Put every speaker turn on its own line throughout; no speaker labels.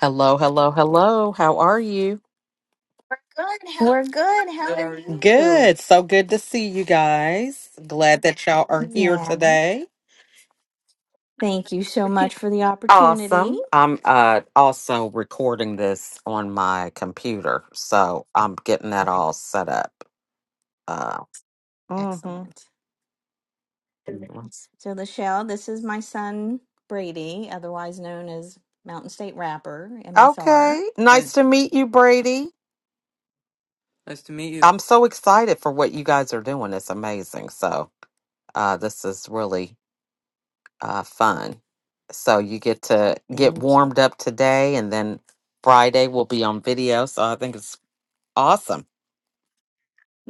Hello, hello, hello. How are you? Good.
We're
How-
good. How Good, are how are are you? you?
good. So good to see you guys. Glad that y'all are here
Yeah.
today.
Thank you so much for the opportunity.
Awesome. I'm uh also recording this on my computer, so I'm getting that
Okay.
all set up. Uh mhm.
Excellent. So, Lachelle, this is my son, Brady, otherwise known as Mountain State Rapper, MSR.
Okay. Nice
Hey,
to meet you, Brady.
nice to meet you.
I'm so excited for what you guys are doing. It's amazing. So, uh this is really uh, fun. So you get to get
Thank you.
warmed up today, and then Friday will be on video. So I think it's awesome.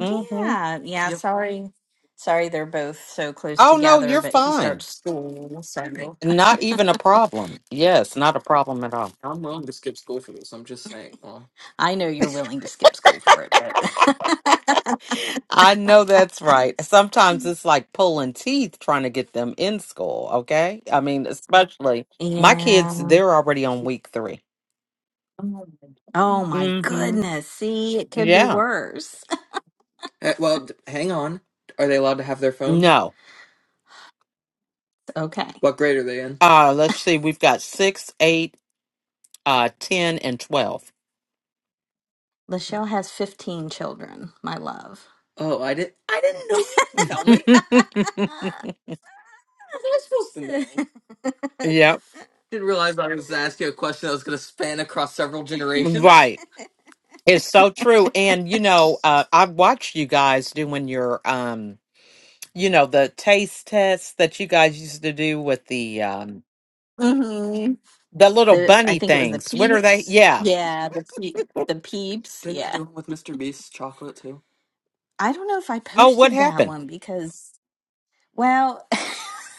hmm
Yeah. Yep. Sorry. Sorry they're both so close
Oh no,
together,
you're
but he
fine.
starts school. Hey, So
Not even a problem. Yes, not a problem at all.
I'm willing to skip school for this. I'm just saying. Well, I know you're willing to skip school for it, but
I know that's right. Sometimes it's like pulling teeth trying to get them in school. Okay, I mean, especially my kids.
yeah.
They're already on week three.
Oh my
Mm-hmm.
goodness. See, it could be
Yeah.
worse. Eh, well, d- hang on. Are they allowed to have their phones?
No.
Okay. What grade are they in?
Uh, let's see. We've got six, eight. uh 10 and 12
Lachelle has 15 children, my love. Oh, I did. I didn't know you could tell me. How was I supposed to know?
yep
Didn't realize I was asking a question that was going to span across several generations.
right it's so true and you know uh i've watched you guys doing your um you know the taste tests that you guys used to do with the um
hmm
the little
The I
bunny
think it was the
things what are they
peeps.
yeah
Yeah, the pe- the peeps. Didn't they Yeah. do one with Mr. Beast's chocolate too? I don't know if I
oh what
posted that
happened
one because, well, A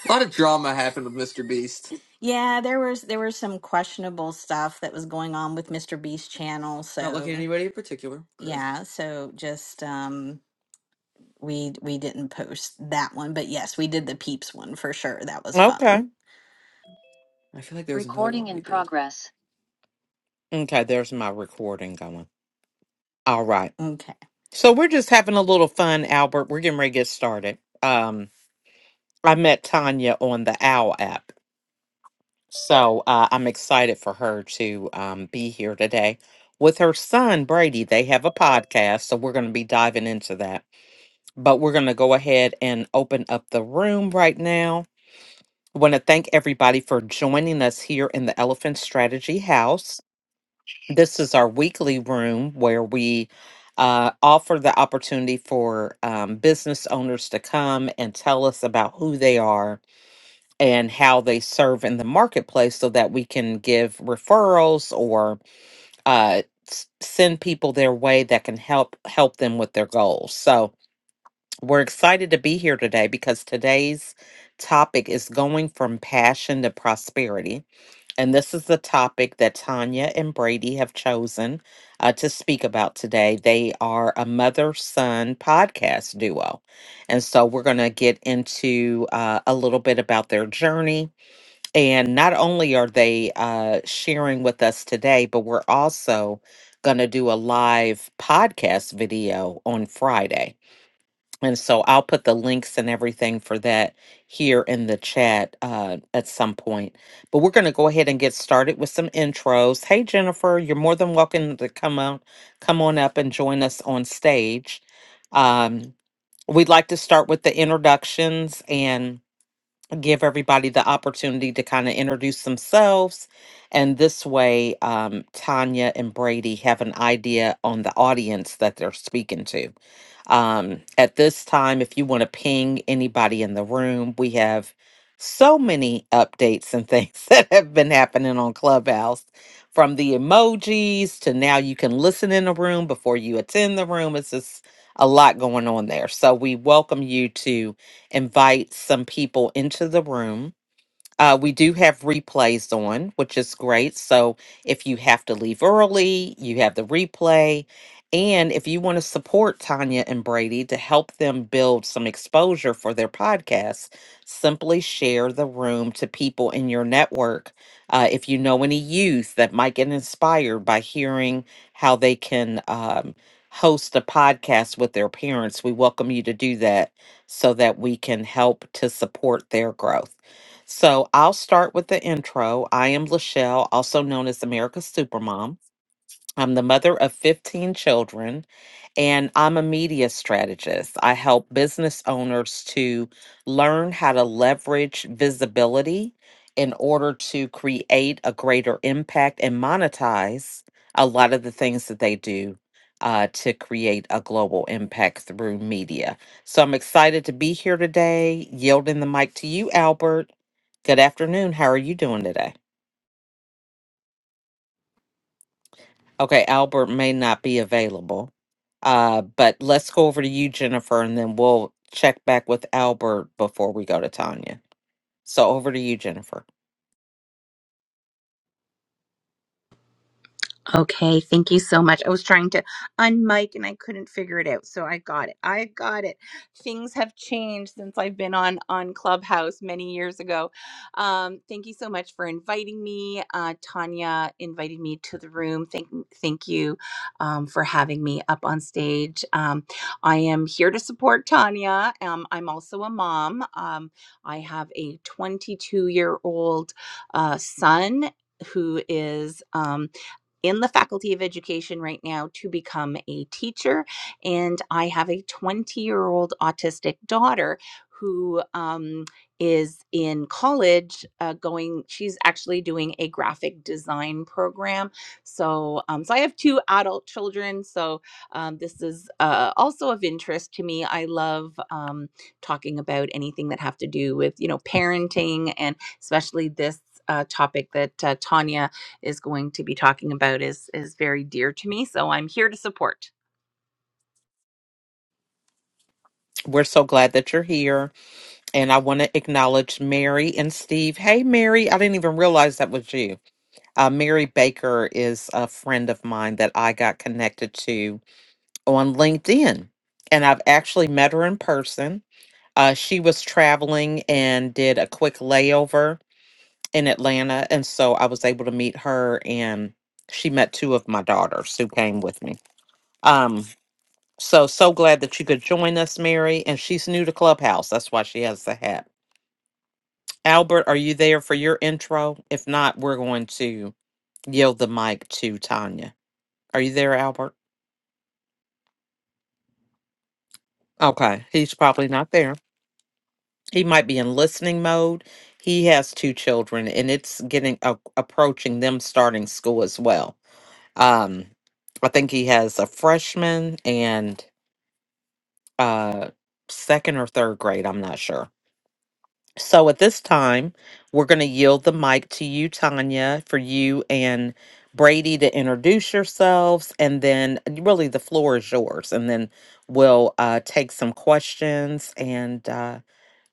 lot of drama happened with Mr. Beast. yeah, there was there was some questionable stuff that was going on with Mr. Beast channel, Not looking at so anybody in particular. Okay. yeah, so just um we we didn't post that one, but yes, we did the Peeps one for sure. That was
okay
fun. I feel like there was another
Recording
one
in
we did.
progress. okay there's my recording going all right
Okay.
so we're just having a little fun albert we're getting ready to get started um i met tanya on the owl app So uh, I'm excited for her to um, be here today with her son, Brady. They have a podcast, so we're going to be diving into that. But we're going to go ahead and open up the room right now. I want to thank everybody for joining us here in the Elephant Strategy House. This is our weekly room where we uh, offer the opportunity for um, business owners to come and tell us about who they are and how they serve in the marketplace so that we can give referrals or uh, s- send people their way that can help help them with their goals so we're excited to be here today because today's topic is going from passion to prosperity and this is the topic that tanya and brady have chosen uh, to speak about today they are a mother son podcast duo and so we're going to get into uh, a little bit about their journey and not only are they uh, sharing with us today, but we're also going to do a live podcast video on Friday. And so I'll put the links and everything for that here in the chat uh, at some point. But we're going to go ahead and get started with some intros. Hey, Jennifer, you're more than welcome to come out, come on up and join us on stage. Um, we'd like to start with the introductions and give everybody the opportunity to kind of introduce themselves. And this way, um, Tanya and Brady have an idea on the audience that they're speaking to. Um, at this time, if you want to ping anybody in the room, we have so many updates and things that have been happening on Clubhouse from the emojis to now you can listen in the room before you attend the room. It's just a lot going on there. So we welcome you to invite some people into the room uh, we do have replays on, which is great. So if you have to leave early, you have the replay. And if you want to support Tanya and Brady to help them build some exposure for their podcast, simply share the room to people in your network. Uh, if you know any youth that might get inspired by hearing how they can um, host a podcast with their parents, we welcome you to do that so that we can help to support their growth. So I'll start with the intro. I am Lachelle, also known as America's Supermom. I'm the mother of 15 children, and I'm a media strategist. I help business owners to learn how to leverage visibility in order to create a greater impact and monetize a lot of the things that they do uh, to create a global impact through media. So I'm excited to be here today, yielding the mic to you, Albert. Good afternoon. How are you doing today? Okay, Albert may not be available. Uh, but let's go over to you, Jennifer, and then we'll check back with Albert before we go to Tanya. So over to you, Jennifer.
Okay, thank you so much. I was trying to unmic and I couldn't figure it out, so I got it. I got it. Things have changed since I've been on on Clubhouse many years ago. Um, thank you so much for inviting me. Uh, Tanya invited me to the room. Thank thank you um, for having me up on stage. Um, I am here to support Tanya. Um, I'm also a mom. Um, I have a 22 year old uh, son who is. Um, in the faculty of education right now to become a teacher. And I have a 20 year old autistic daughter who um, is in college uh, going, she's actually doing a graphic design program. So, um, so I have two adult children. So um, this is uh, also of interest to me. I love um, talking about anything that have to do with, you know, parenting and especially this uh, topic that uh, Tanya is going to be talking about is is very dear to me so i'm here to support
We're so glad that you're here. And I want to acknowledge Mary and Steve. Hey, Mary, I didn't even realize that was you. Uh, Mary Baker is a friend of mine that I got connected to on LinkedIn. And I've actually met her in person. Uh, she was traveling and did a quick layover in Atlanta. And so I was able to meet her, and she met two of my daughters who came with me. Um, so, so glad that you could join us, Mary. And she's new to Clubhouse. That's why she has the hat. Albert, are you there for your intro? If not, we're going to yield the mic to Tanya. Are you there, Albert? Okay, he's probably not there. He might be in listening mode. He has two children, and it's getting a approaching them starting school as well. Um, I think he has a freshman and uh, second or third grade. I'm not sure. So at this time, we're going to yield the mic to you, Tanya, for you and Brady to introduce yourselves. And then, really, the floor is yours. And then we'll uh, take some questions and, uh,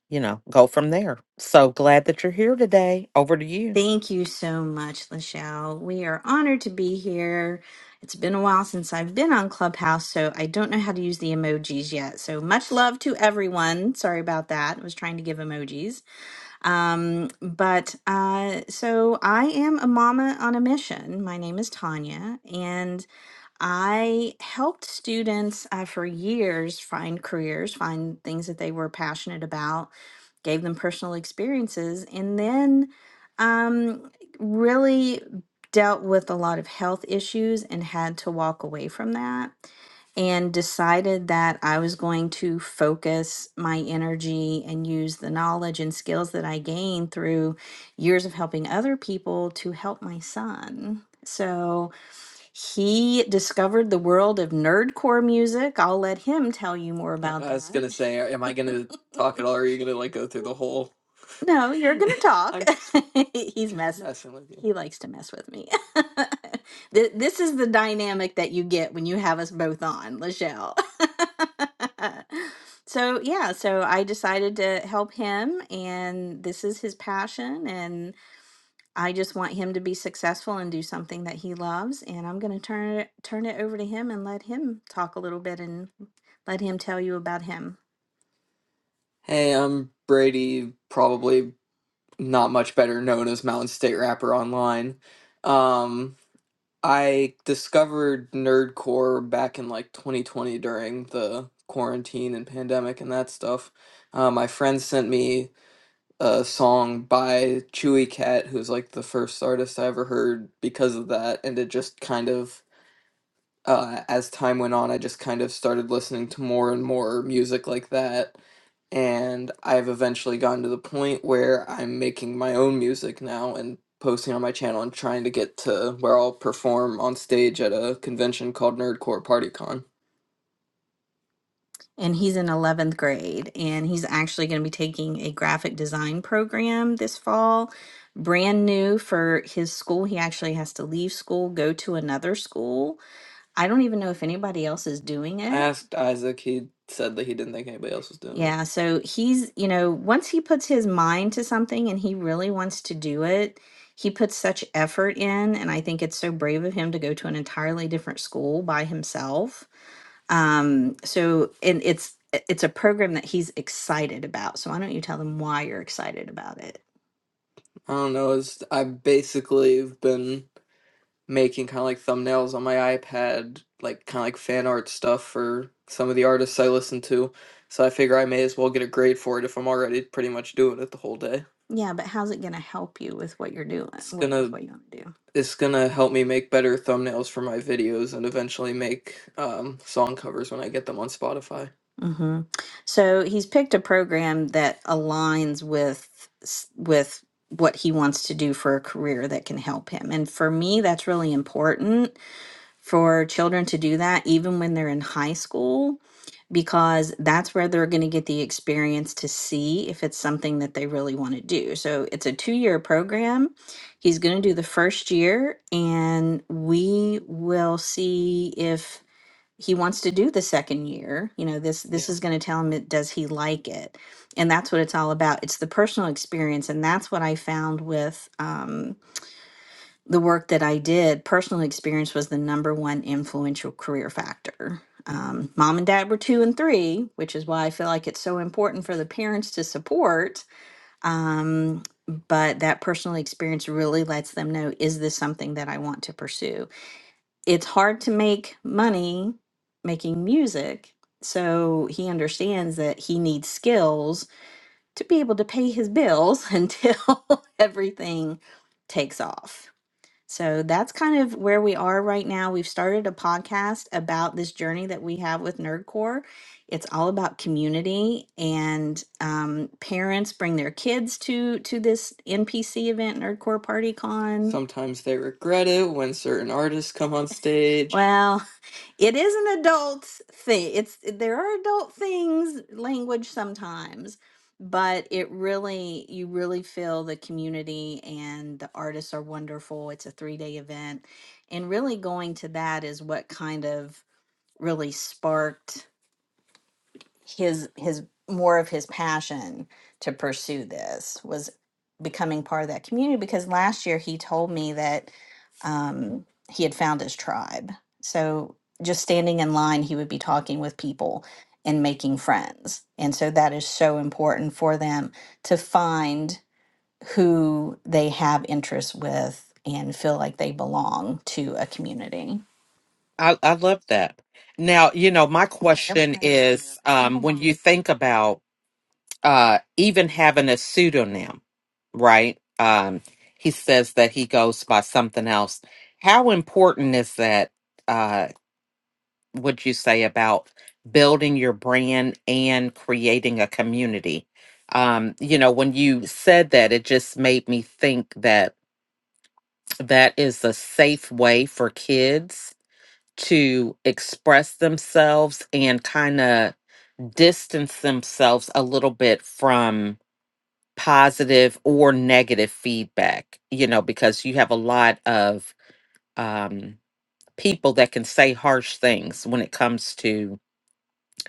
you know, go from there. So glad that you're here today. Over to you.
Thank you so much, Lachelle. We are honored to be here. It's been a while since I've been on Clubhouse, so I don't know how to use the emojis yet. So much love to everyone. Sorry about that. I was trying to give emojis. Um, but uh, so I am a mama on a mission. My name is Tanya, and I helped students uh, for years find careers, find things that they were passionate about gave them personal experiences, and then um, really dealt with a lot of health issues and had to walk away from that and decided that I was going to focus my energy and use the knowledge and skills that I gained through years of helping other people to help my son. So, he discovered the world of nerdcore music. I'll let him tell you more I about I was that. gonna say, am I gonna talk at all? Or are you gonna like go through the whole? No, you're going to talk. I'm just He's mess. messing with you. He likes to mess with me. Th- this is the dynamic that you get when you have us both on, Lachelle. so, yeah, so I decided to help him, and this is his passion. and. I just want him to be successful and do something that he loves, and I'm going to turn it turn it over to him and let him talk a little bit and let him tell you about him. Hey, I'm Brady, probably not much better known as Mountain State Rapper online. Um, I discovered nerdcore back in like 2020 during the quarantine and pandemic and that stuff. Uh, my friend sent me a song by Chewy Cat, who's like the first artist I ever heard because of that. And it just kind of, uh, as time went on, I just kind of started listening to more and more music like that. And I've eventually gotten to the point where I'm making my own music now and posting on my channel and trying to get to where I'll perform on stage at a convention called Nerdcore PartyCon and he's in 11th grade and he's actually going to be taking a graphic design program this fall brand new for his school he actually has to leave school go to another school i don't even know if anybody else is doing I it asked Isaac. He said that he didn't think anybody else was doing it. yeah so he's you know once he puts his mind to something and he really wants to do it he puts such effort in and i think it's so brave of him to go to an entirely different school by himself um, so and it's it's a program that he's excited about. So why don't you tell them why you're excited about it? I don't know. It's I basically have been making kind of like thumbnails on my iPad, like kind of like fan art stuff for some of the artists I listen to. So I figure I may as well get a grade for it if I'm already pretty much doing it the whole day. Yeah, but how's it gonna help you with what you're doing? It's What, with gonna what you want to do? it's gonna help me make better thumbnails for my videos and eventually make um, song covers when I get them on Spotify. Mm-hmm. So he's picked a program that aligns with s- with what he wants to do for a career that can help him. And for me, that's really important for children to do that even when they're in high school because that's where they're going to get the experience to see if it's something that they really want to do. So it's a 2-year program. He's going to do the first year and we will see if he wants to do the second year you know this this Yeah. is going to tell him that does he like it and that's what it's all about it's the personal experience and that's what i found with um, the work that i did personal experience was the number one influential career factor um, mom and dad were two and three which is why i feel like it's so important for the parents to support um, but that personal experience really lets them know is this something that i want to pursue it's hard to make money making music. So he understands that he needs skills to be able to pay his bills until everything takes off. So that's kind of where we are right now. We've started a podcast about this journey that we have with Nerdcore. It's all about community, and um, parents bring their kids to to this NPC event, Nerdcore Party Con. Sometimes they regret it when certain artists come on stage. Well. It is an adult thing. It's there are adult things, language sometimes, but it really you really feel the community and the artists are wonderful. It's a three-day event. And really going to that is what kind of really sparked his his more of his passion to pursue this was becoming part of that community because last year he told me that um, he had found his tribe so just standing in line he would be talking with people and making friends and so that is so important for them to find who they have interests with and feel like they belong to a community
I, I love that. Now, you know, my question is um, when you think about uh, even having a pseudonym, right? Um, he says that he goes by something else. How important is that? Uh, would you say about building your brand and creating a community? Um, you know, when you said that, it just made me think that that is a safe way for kids to express themselves and kind of distance themselves a little bit from positive or negative feedback, you know, because you have a lot of um, people that can say harsh things when it comes to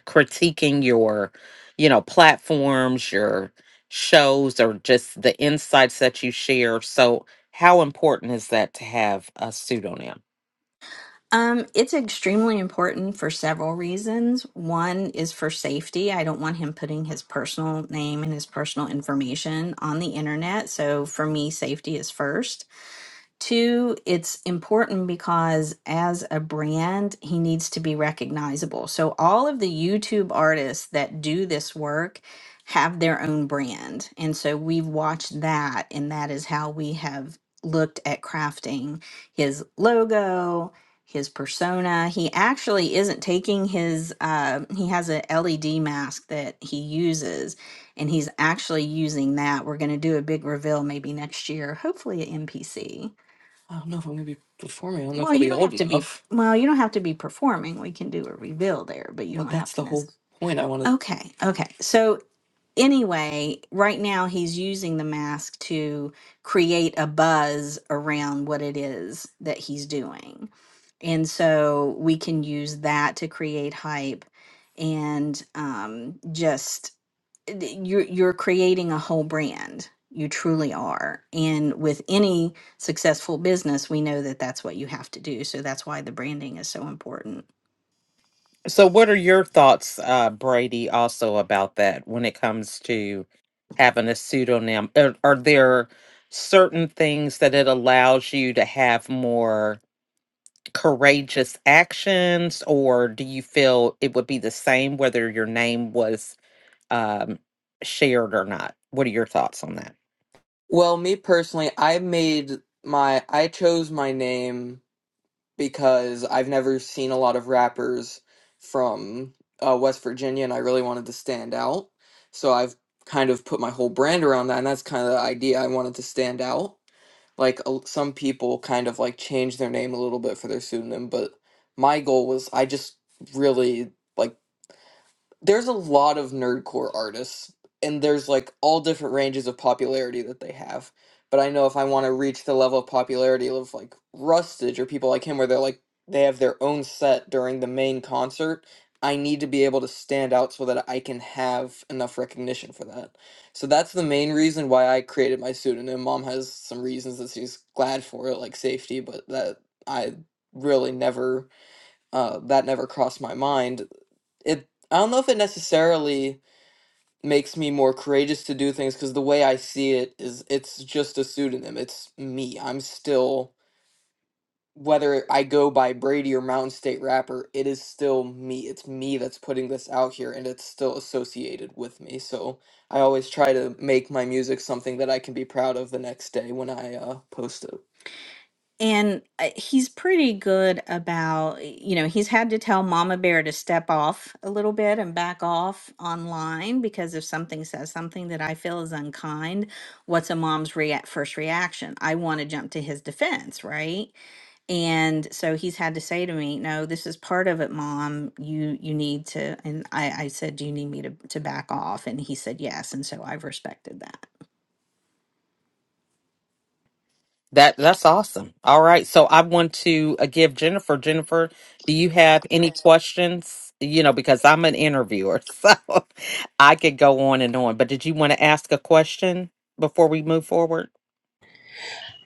critiquing your, you know, platforms, your shows, or just the insights that you share. So, how important is that to have a pseudonym?
Um, it's extremely important for several reasons. One is for safety. I don't want him putting his personal name and his personal information on the internet. So for me, safety is first. Two, it's important because as a brand, he needs to be recognizable. So, all of the YouTube artists that do this work have their own brand. And so, we've watched that, and that is how we have looked at crafting his logo, his persona. He actually isn't taking his, uh, he has a LED mask that he uses, and he's actually using that. We're going to do a big reveal maybe next year, hopefully at MPC I don't know if I'm gonna be performing. I don't know if Well, I'll you be don't old have to be, enough. well, you don't have to be performing. We can do a reveal there, but you But don't have that's have to the necessarily. whole necessarily. point. I want to. Okay, okay. So anyway, right now he's using the mask to create a buzz around what it is that he's doing. And so we can use that to create hype and um, just th- you're you're creating a whole brand you truly are and with any successful business we know that that's what you have to do so that's why the branding is so important
So, what are your thoughts, uh, Brady, also about that when it comes to having a pseudonym? Are, are there certain things that it allows you to have more courageous actions, or do you feel it would be the same whether your name was um, shared or not. What are your thoughts on that?
Well, me personally, I made my I chose my name because I've never seen a lot of rappers from uh, West Virginia, and I really wanted to stand out. So I've kind of put my whole brand around that, and that's kind of the idea. I wanted to stand out. like a, some people kind of like change their name a little bit for their pseudonym but my goal was i just really like there's a lot of nerdcore artists and there's like all different ranges of popularity that they have but i know if i want to reach the level of popularity of like rustage or people like him where they're like they have their own set during the main concert i need to be able to stand out so that i can have enough recognition for that so that's the main reason why i created my pseudonym mom has some reasons that she's glad for it like safety but that i really never uh, that never crossed my mind it I don't know if it necessarily makes me more courageous to do things because the way I see it is it's just a pseudonym. It's me. I'm still whether I go by Brady or Mountain State Rapper, it is still me. It's me that's putting this out here and it's still associated with me. So I always try to make my music something that I can be proud of the next day when I uh, post it and uh, he's pretty good about you know he's had to tell mama bear to step off a little bit and back off online because if something says something that i feel is unkind what's a mom's rea- first reaction i want to jump to his defense right and so he's had to say to me no this is part of it mom you you need to and i i said do you need me to to back off and he said yes and so i've respected that
That that's awesome. All right, so I want to uh, give Jennifer. Jennifer, do you have any questions? You know, because I'm an interviewer, so I could go on and on. But did you want to ask a question before we move forward?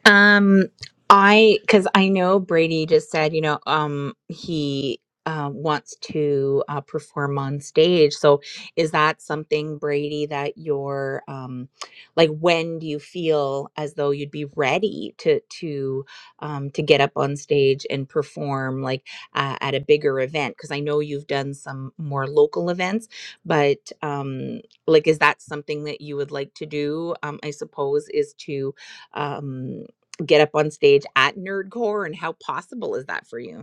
Um, I because I know Brady just said, you know, um, he uh, wants to uh, perform on stage. So, is that something, Brady, that you're um, like? When do you feel as though you'd be ready to to um, to get up on stage and perform, like uh, at a bigger event? Because I know you've done some more local events, but um, like, is that something that you would like to do? Um, I suppose is to um get up on stage at nerdcore and how possible is that for you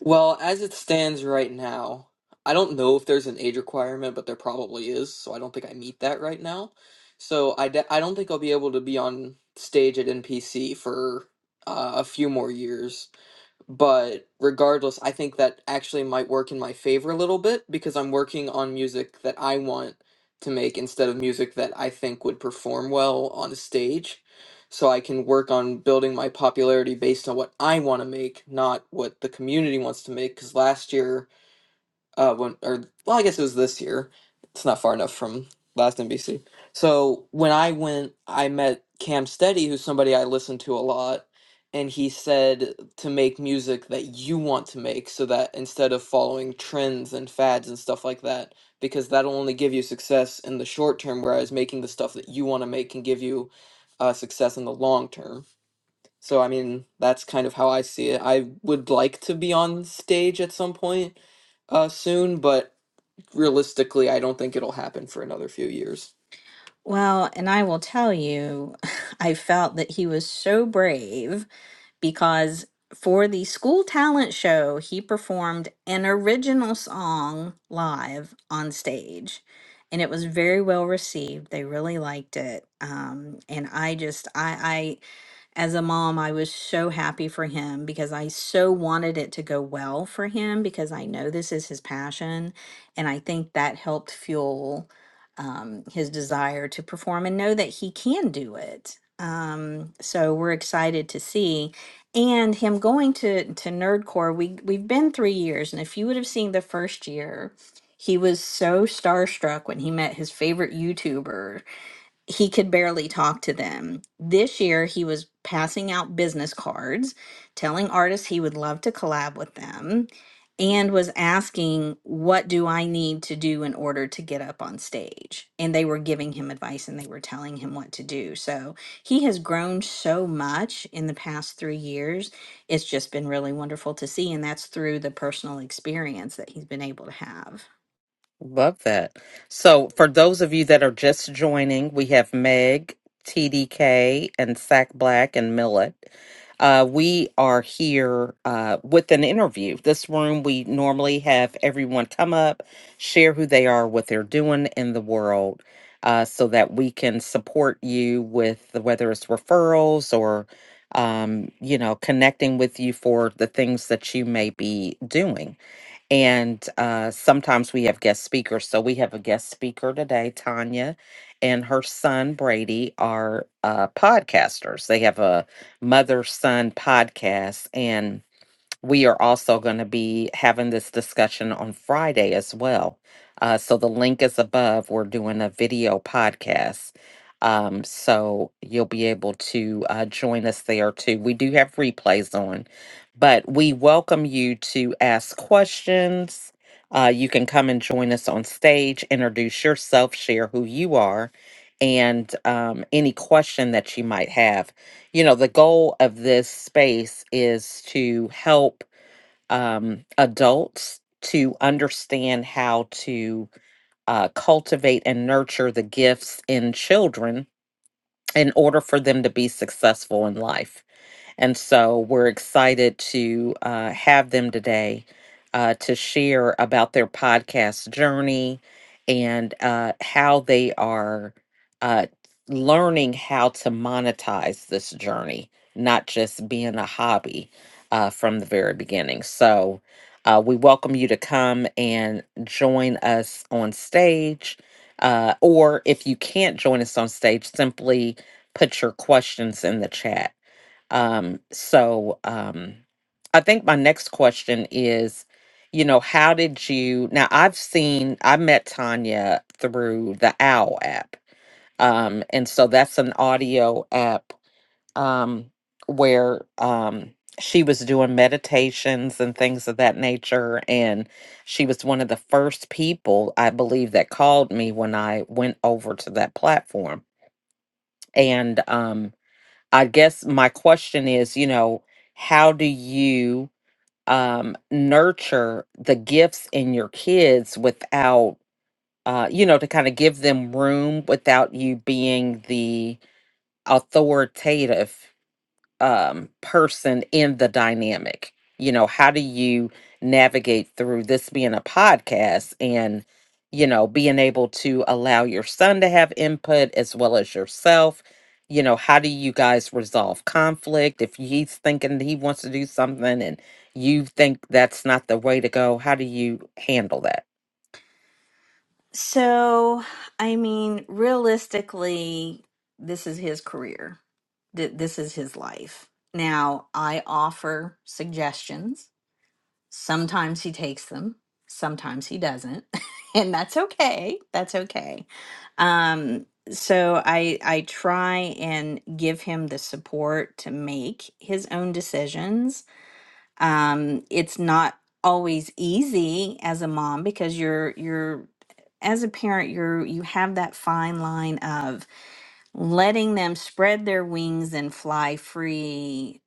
Well, as it stands right now, I don't know if there's an age requirement, but there probably is, so I don't think I meet that right now. So I, de- I don't think I'll be able to be on stage at NPC for uh, a few more years but regardless i think that actually might work in my favor a little bit because i'm working on music that i want to make instead of music that i think would perform well on a stage so i can work on building my popularity based on what i want to make not what the community wants to make because last year uh when or well I guess it was this year. It's not far enough from last NBC. So when I went, I met Cam Steady, who's somebody I listen to a lot, and he said to make music that you want to make so that instead of following trends and fads and stuff like that, because that'll only give you success in the short term, whereas making the stuff that you want to make can give you uh, success in the long term. So I mean, that's kind of how I see it. I would like to be on stage at some point, uh soon, but realistically, I don't think it'll happen for another few years. Well, and I will tell you, I felt that he was so brave because for the school talent show, he performed an original song live on stage. And it was very well received. They really liked it. Um, and I just, I, as a mom, I was so happy for him because I so wanted it to go well for him because I know this is his passion. And I think that helped fuel um, his desire to perform and know that he can do it. Um, so we're excited to see. And him going to, to Nerdcore, we, we've been three years. And if you would have seen the first year, he was so starstruck when he met his favorite YouTuber he could barely talk to them. This year, he was passing out business cards, telling artists he would love to collab with them, and was asking, What do I need to do in order to get up on stage? And they were giving him advice and they were telling him what to do. So he has grown so much in the past three years. It's just been really wonderful to see. And that's through the personal experience that he's been able to have.
Love that. So, for those of you that are just joining, we have Meg, TDK, and Sack Black and Millet. Uh, we are here uh, with an interview. This room, we normally have everyone come up, share who they are, what they're doing in the world, uh, so that we can support you with the, whether it's referrals or um, you know, connecting with you for the things that you may be doing. And uh, sometimes we have guest speakers. So we have a guest speaker today, Tanya, and her son, Brady, are uh, podcasters. They have a mother son podcast. And we are also going to be having this discussion on Friday as well. Uh, so the link is above. We're doing a video podcast. Um, so you'll be able to uh, join us there too. We do have replays on, but we welcome you to ask questions. Uh, you can come and join us on stage, introduce yourself, share who you are, and um, any question that you might have. You know, the goal of this space is to help um, adults to understand how to uh, cultivate and nurture the gifts in children in order for them to be successful in life. And so we're excited to uh, have them today uh, to share about their podcast journey and uh, how they are uh, learning how to monetize this journey, not just being a hobby uh, from the very beginning. So uh, we welcome you to come and join us on stage. Uh, or if you can't join us on stage, simply put your questions in the chat um, so um, I think my next question is, you know, how did you? Now I've seen I met Tanya through the OWL app, um, and so that's an audio app um, where um, she was doing meditations and things of that nature, and she was one of the first people I believe that called me when I went over to that platform, and um, I guess my question is, you know, how do you um, nurture the gifts in your kids without, uh, you know, to kind of give them room without you being the authoritative um, person in the dynamic. You know, how do you navigate through this being a podcast and, you know, being able to allow your son to have input as well as yourself? You know, how do you guys resolve conflict? If he's thinking he wants to do something and you think that's not the way to go, how do you handle that?
So, I mean, realistically, this is his career. Th- This is his life. Now, I offer suggestions. Sometimes he takes them, sometimes he doesn't, and that's okay. That's okay. Um, so I I try and give him the support to make his own decisions. Um, it's not always easy as a mom because you're you're as a parent you're you have that fine line of letting them spread their wings and fly free,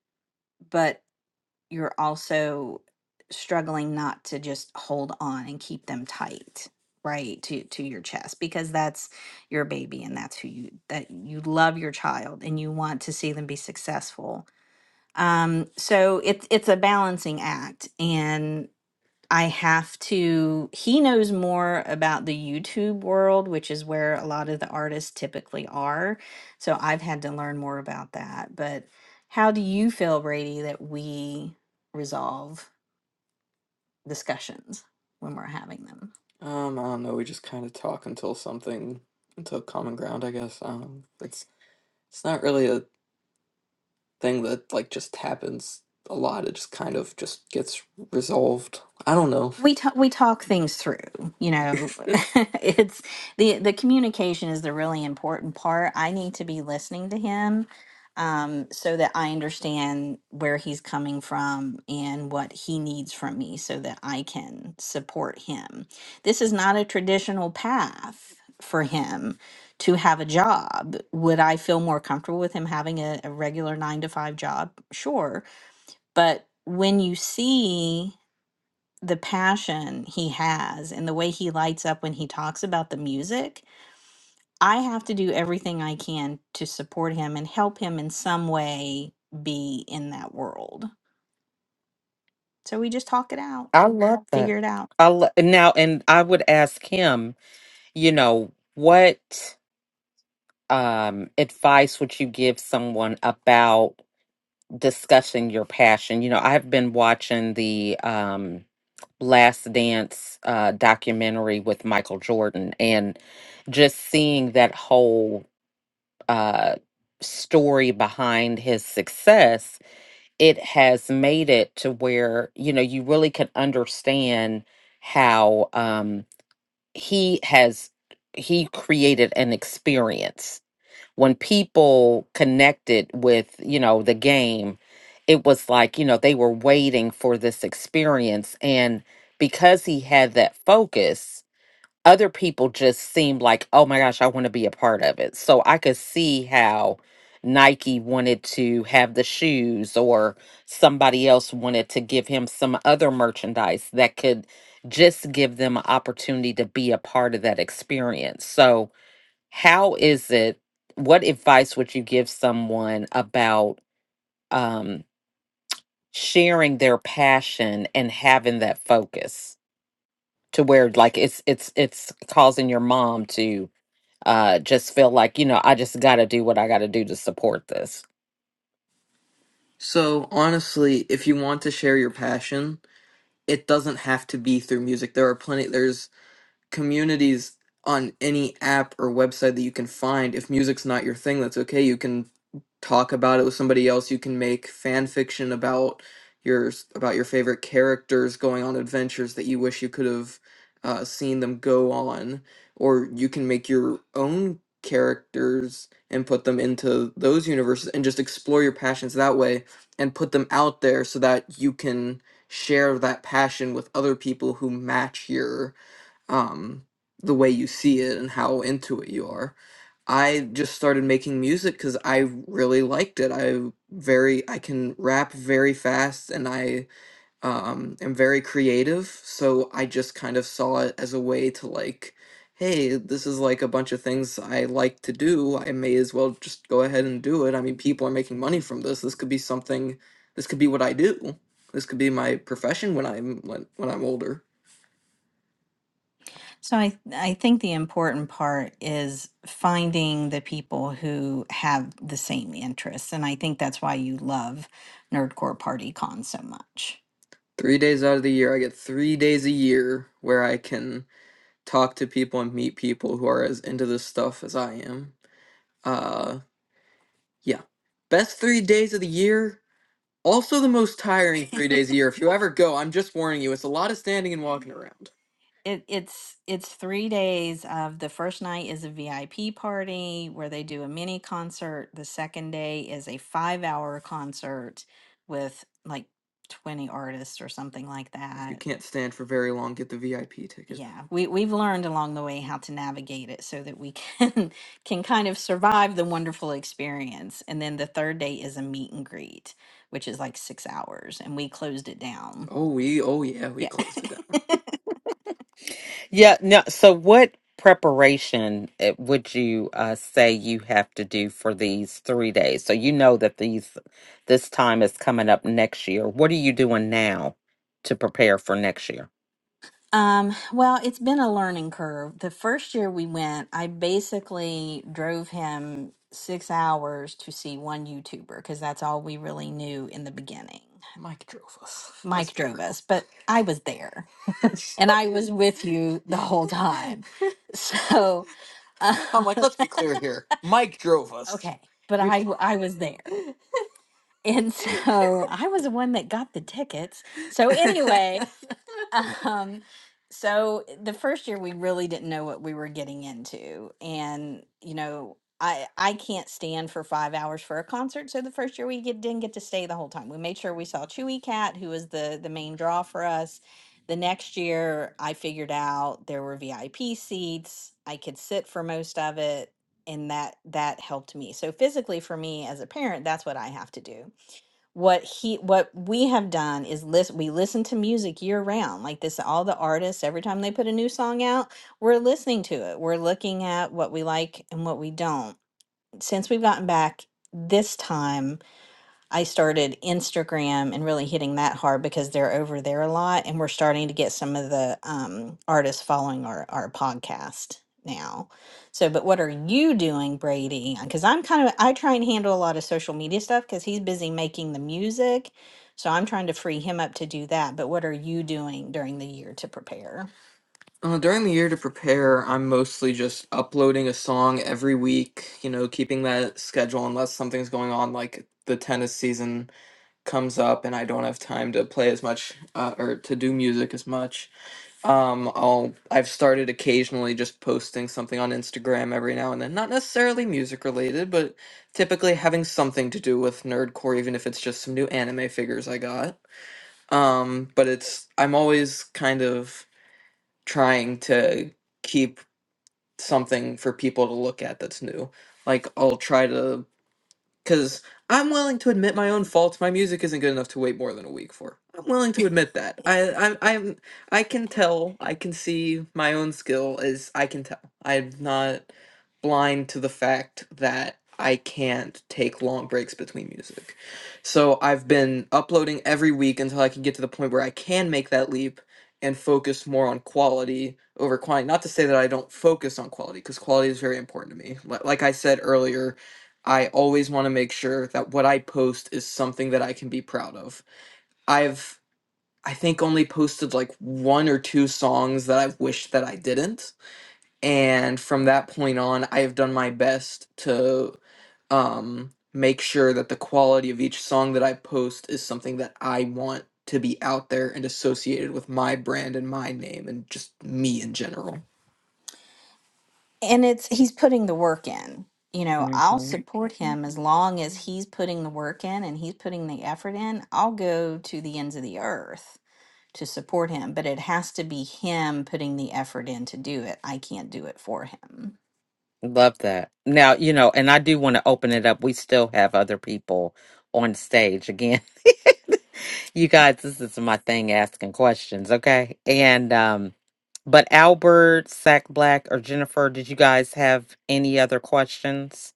but you're also struggling not to just hold on and keep them tight right to to your chest because that's your baby and that's who you that you love your child and you want to see them be successful um so it's it's a balancing act and. I have to, he knows more about the YouTube world, which is where a lot of the artists typically are. So I've had to learn more about that. But how do you feel, Brady, that we resolve discussions when we're having them? Um, I don't know. We just kind of talk until something, until common ground, I guess. Um, it's it's not really a thing that like just happens a lot. It just kind of just gets resolved. I don't know. we talk we talk things through you know it's the the communication is the really important part i need to be listening to him um so that i understand where he's coming from and what he needs from me so that i can support him this is not a traditional path for him to have a job. Would I feel more comfortable with him having a, a regular nine to five job? Sure. But when you see the passion he has and the way he lights up when he talks about the music, I have to do everything I can to support him and help him in some way be in that world. So we just talk it out,
I love that.
figure it out.
I lo- now, and I would ask him, you know, what um, advice would you give someone about discussing your passion? You know, I've been watching the um, Last Dance uh, documentary with Michael Jordan and just seeing that whole uh, story behind his success, it has made it to where, you know, you really can understand how um, he has. He created an experience when people connected with you know the game it was like you know they were waiting for this experience and because he had that focus other people just seemed like oh my gosh i want to be a part of it so i could see how nike wanted to have the shoes or somebody else wanted to give him some other merchandise that could just give them an opportunity to be a part of that experience so how is it what advice would you give someone about um sharing their passion and having that focus to where like it's it's it's causing your mom to uh just feel like you know I just got to do what I got to do to support this.
So, honestly, if you want to share your passion, it doesn't have to be through music. There are plenty. There's communities on any app or website that you can find. If music's not your thing, that's okay. You can talk about it with somebody else. You can make fan fiction about your s- about your favorite characters going on adventures that you wish you could have uh, seen them go on, or you can make your own characters and put them into those universes and just explore your passions that way and put them out there so that you can share that passion with other people who match your um, the way you see it and how into it you are. I just started making music because I really liked it. I very I can rap very fast and I um, am very creative. So I just kind of saw it as a way to like, hey, this is like a bunch of things I like to do. I may as well just go ahead and do it. I mean, people are making money from this. This could be something. This could be what I do. This could be my profession when I'm when, when I'm older. So I I think the important part is finding the people who have the same interests, and I think that's why you love Nerdcore Party Con so much. Three days out of the year, I get three days a year where I can talk to people and meet people who are as into this stuff as I am. Uh, yeah. Best three days of the year. Also, the most tiring three days a year. If you ever go, I'm just warning you, it's a lot of standing and walking around. It, it's it's three days of the first night is a VIP party where they do a mini concert. The second day is a five hour concert with like twenty artists or something like If you that. can't stand for very long, get the VIP ticket. Yeah, we we've learned along the way how to navigate it so that we can can kind of survive the wonderful experience. And then the third day is a meet and greet, which is like six hours, and we closed it down. Oh, we, oh yeah, we Yeah. closed it down.
Yeah, no so what preparation eh, would you uh say you have to do for these 3 days? So you know that these this time is coming up next year. What are you doing now to prepare for next year?
Um, well, it's been a learning curve. The first year we went, I basically drove him six hours to see one YouTuber because that's all we really knew in the beginning. Mike drove us. Let's Mike be drove us, but I was there and I was with you the whole real. time. So, I'm um, like, let's be clear here. Mike drove us. okay, but We I w- I was there. And so I was the one that got the tickets. So anyway, um, so eh, the first year we really didn't know what we were getting into, and you know, I I can't stand for five hours for a concert. So the first year we get, didn't get to stay the whole time. We made sure we saw Chewy Cat, who was the the main draw for us. The next year, I figured out there were VIP seats. I could sit for most of it, and that that helped me. So physically, for me as a parent, that's what I have to do what he what we have done is listen we listen to music year round like this all the artists every time they put a new song out we're listening to it we're looking at what we like and what we don't since we've gotten back this time I started Instagram and really hitting that hard because they're over there a lot, and we're starting to get some of the um, artists following our our podcast now. So, but what are you doing, Brady? Because I'm kind of I try and handle a lot of social media stuff because he's busy making the music, so I'm trying to free him up to do that. But what are you doing during the year to prepare? Uh, during the year to prepare, I'm mostly just uploading a song every week, you know, keeping that schedule unless something's going on, like the tennis season comes up and I don't have time to play as much uh, or to do music as much. Um, I'll I've started occasionally just posting something on Instagram every now and then, not necessarily music related, but typically having something to do with nerdcore, even if it's just some new anime figures I got. Um, but it's I'm always kind of trying to keep something for people to look at that's new. Like I'll try to because I'm willing to admit my own faults. My music isn't good enough to wait more than a week for. I'm willing to admit that. I, I, I'm, I can tell. I can see my own skill is. I can tell. I'm not blind to the fact that I can't take long breaks between music. So I've been uploading every week until I can get to the point where I can make that leap and focus more on quality over quantity. Not to say that I don't focus on quality, because quality is very important to me. Li- Like I said earlier, I always want to make sure that what I post is something that I can be proud of. I've I think only posted like one or two songs that I wished that I didn't. And from that point on, I have done my best to um make sure that the quality of each song that I post is something that I want to be out there and associated with my brand and my name and just me in general. and it's he's putting the work in you know
hmm
i'll support him as long as he's putting the work in and he's putting the effort in i'll go to the ends of the earth to support him but it has to be him putting the effort in to do it i can't do it for him
Love that. Now, you know, and I do want to open it up. We still have other people on stage again. you guys, this is my thing asking questions, okay? And um but Albert, Sack Black, or Jennifer, did you guys have any other questions?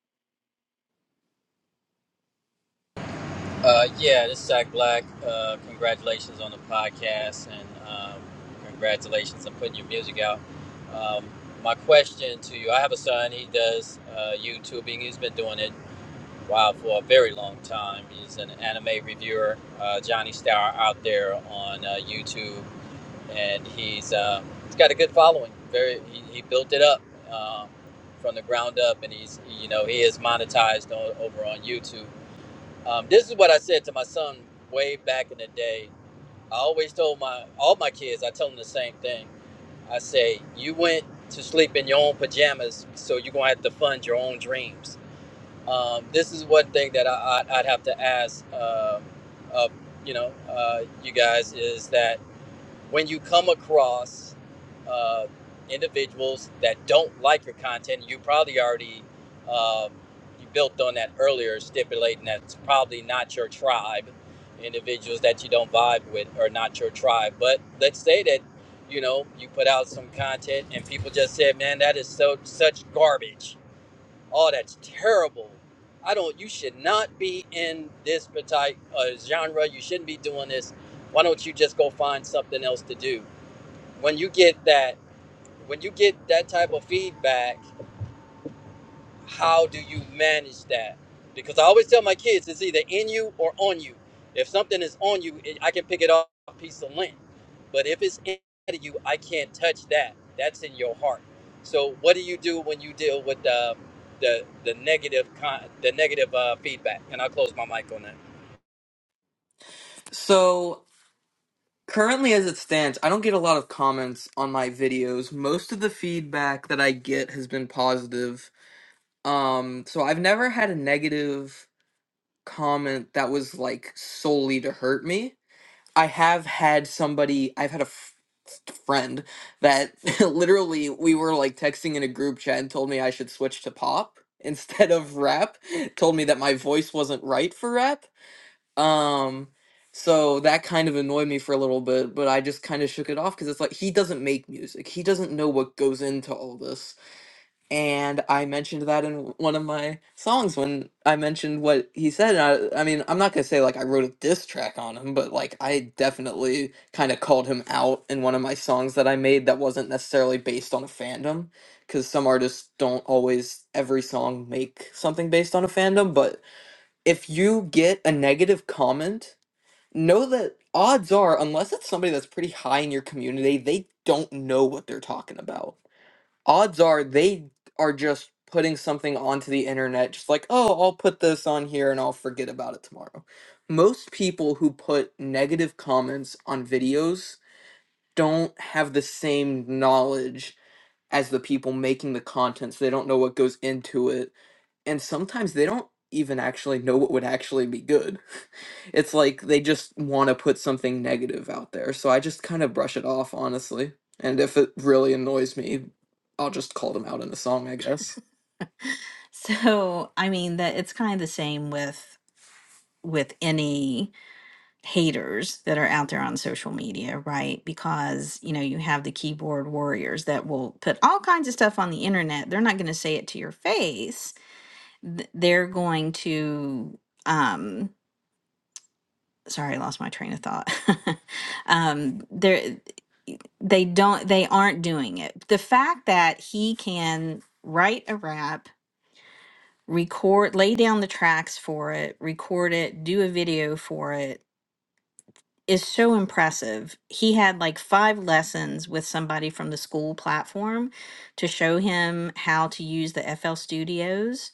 Uh, yeah, this is Zach Black. Uh, congratulations on the podcast and um, congratulations on putting your music out. Um, my question to you I have a son, he does uh, YouTubing. He's been doing it wow, for a very long time. He's an anime reviewer, uh, Johnny Star, out there on uh, YouTube, and he's, uh, he's got a good following. Very, he, he built it up. Uh, from the ground up, and he's you know he is monetized on, over on YouTube um, this is what I said to my son way back in the day. I always told my all my kids. I tell them the same thing. I say, "You went to sleep in your own pajamas, so you're gonna have to fund your own dreams." Um, this is one thing that I, I, I'd have to ask, um, uh, you know, uh, you guys is that when you come across uh, individuals that don't like your content, you probably already um, you built on that earlier, stipulating that's probably not your tribe. Individuals that you don't vibe with are not your tribe. But let's say that you know you put out some content and people just said, "Man, that is so such garbage." oh that's terrible i don't you should not be in this type uh, genre you shouldn't be doing this why don't you just go find something else to do when you get that when you get that type of feedback how do you manage that? Because I always tell my kids it's either in you or on you. If something is on you, it, I can pick it up a piece of lint. But if it's inside of you, I can't touch that. That's in your heart. So what do you do when you deal with the the, the negative con- the negative uh, feedback? And I'll close my mic on that.
So, currently as it stands, I don't get a lot of comments on my videos. Most of the feedback that I get has been positive. Um, so I've never had a negative comment that was like solely to hurt me. I have had somebody, I've had a f- friend that literally we were like texting in a group chat and told me I should switch to pop instead of rap, told me that my voice wasn't right for rap. Um so that kind of annoyed me for a little bit, but I just kind of shook it off cuz it's like he doesn't make music. He doesn't know what goes into all this and I mentioned that in one of my songs when I mentioned what he said. And I, I mean, I'm not gonna say like I wrote a diss track on him, but like I definitely kind of called him out in one of my songs that I made that wasn't necessarily based on a fandom, because some artists don't always every song make something based on a fandom. But if you get a negative comment, know that odds are, unless it's somebody that's pretty high in your community, they don't know what they're talking about odds are they are just putting something onto the internet just like oh i'll put this on here and i'll forget about it tomorrow most people who put negative comments on videos don't have the same knowledge as the people making the content so they don't know what goes into it and sometimes they don't even actually know what would actually be good. It's like they just want to put something negative out there. So I just kind of brush it off, honestly. And if it really annoys me, I'll just call them out in a song, I guess. So, I mean that it's kind of the same with with any haters that are out there on social media, right? Because, you know, you have the keyboard warriors that will put all kinds of stuff on the internet. They're not going to say it to your face, th- they're going to um sorry i lost my train of thought um they're e, they don't they aren't doing it the fact that he can write a rap record lay down the tracks for it record it do a video for it is so impressive he had like five lessons with somebody from the school platform to show him how to use the fl studios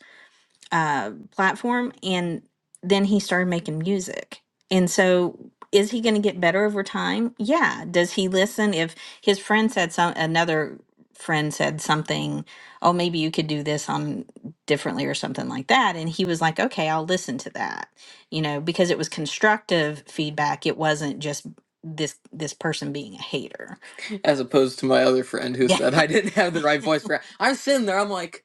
uh, platform and then he started making music and so is he going to get better over time yeah does he listen if his friend said some another friend said something oh maybe you could do this on differently or something like that and he was like okay i'll listen to that you know because it was constructive feedback it wasn't just this this person being a hater as opposed to my other friend who yeah said I didn't have the right voice for it. I'm sitting there, I'm like,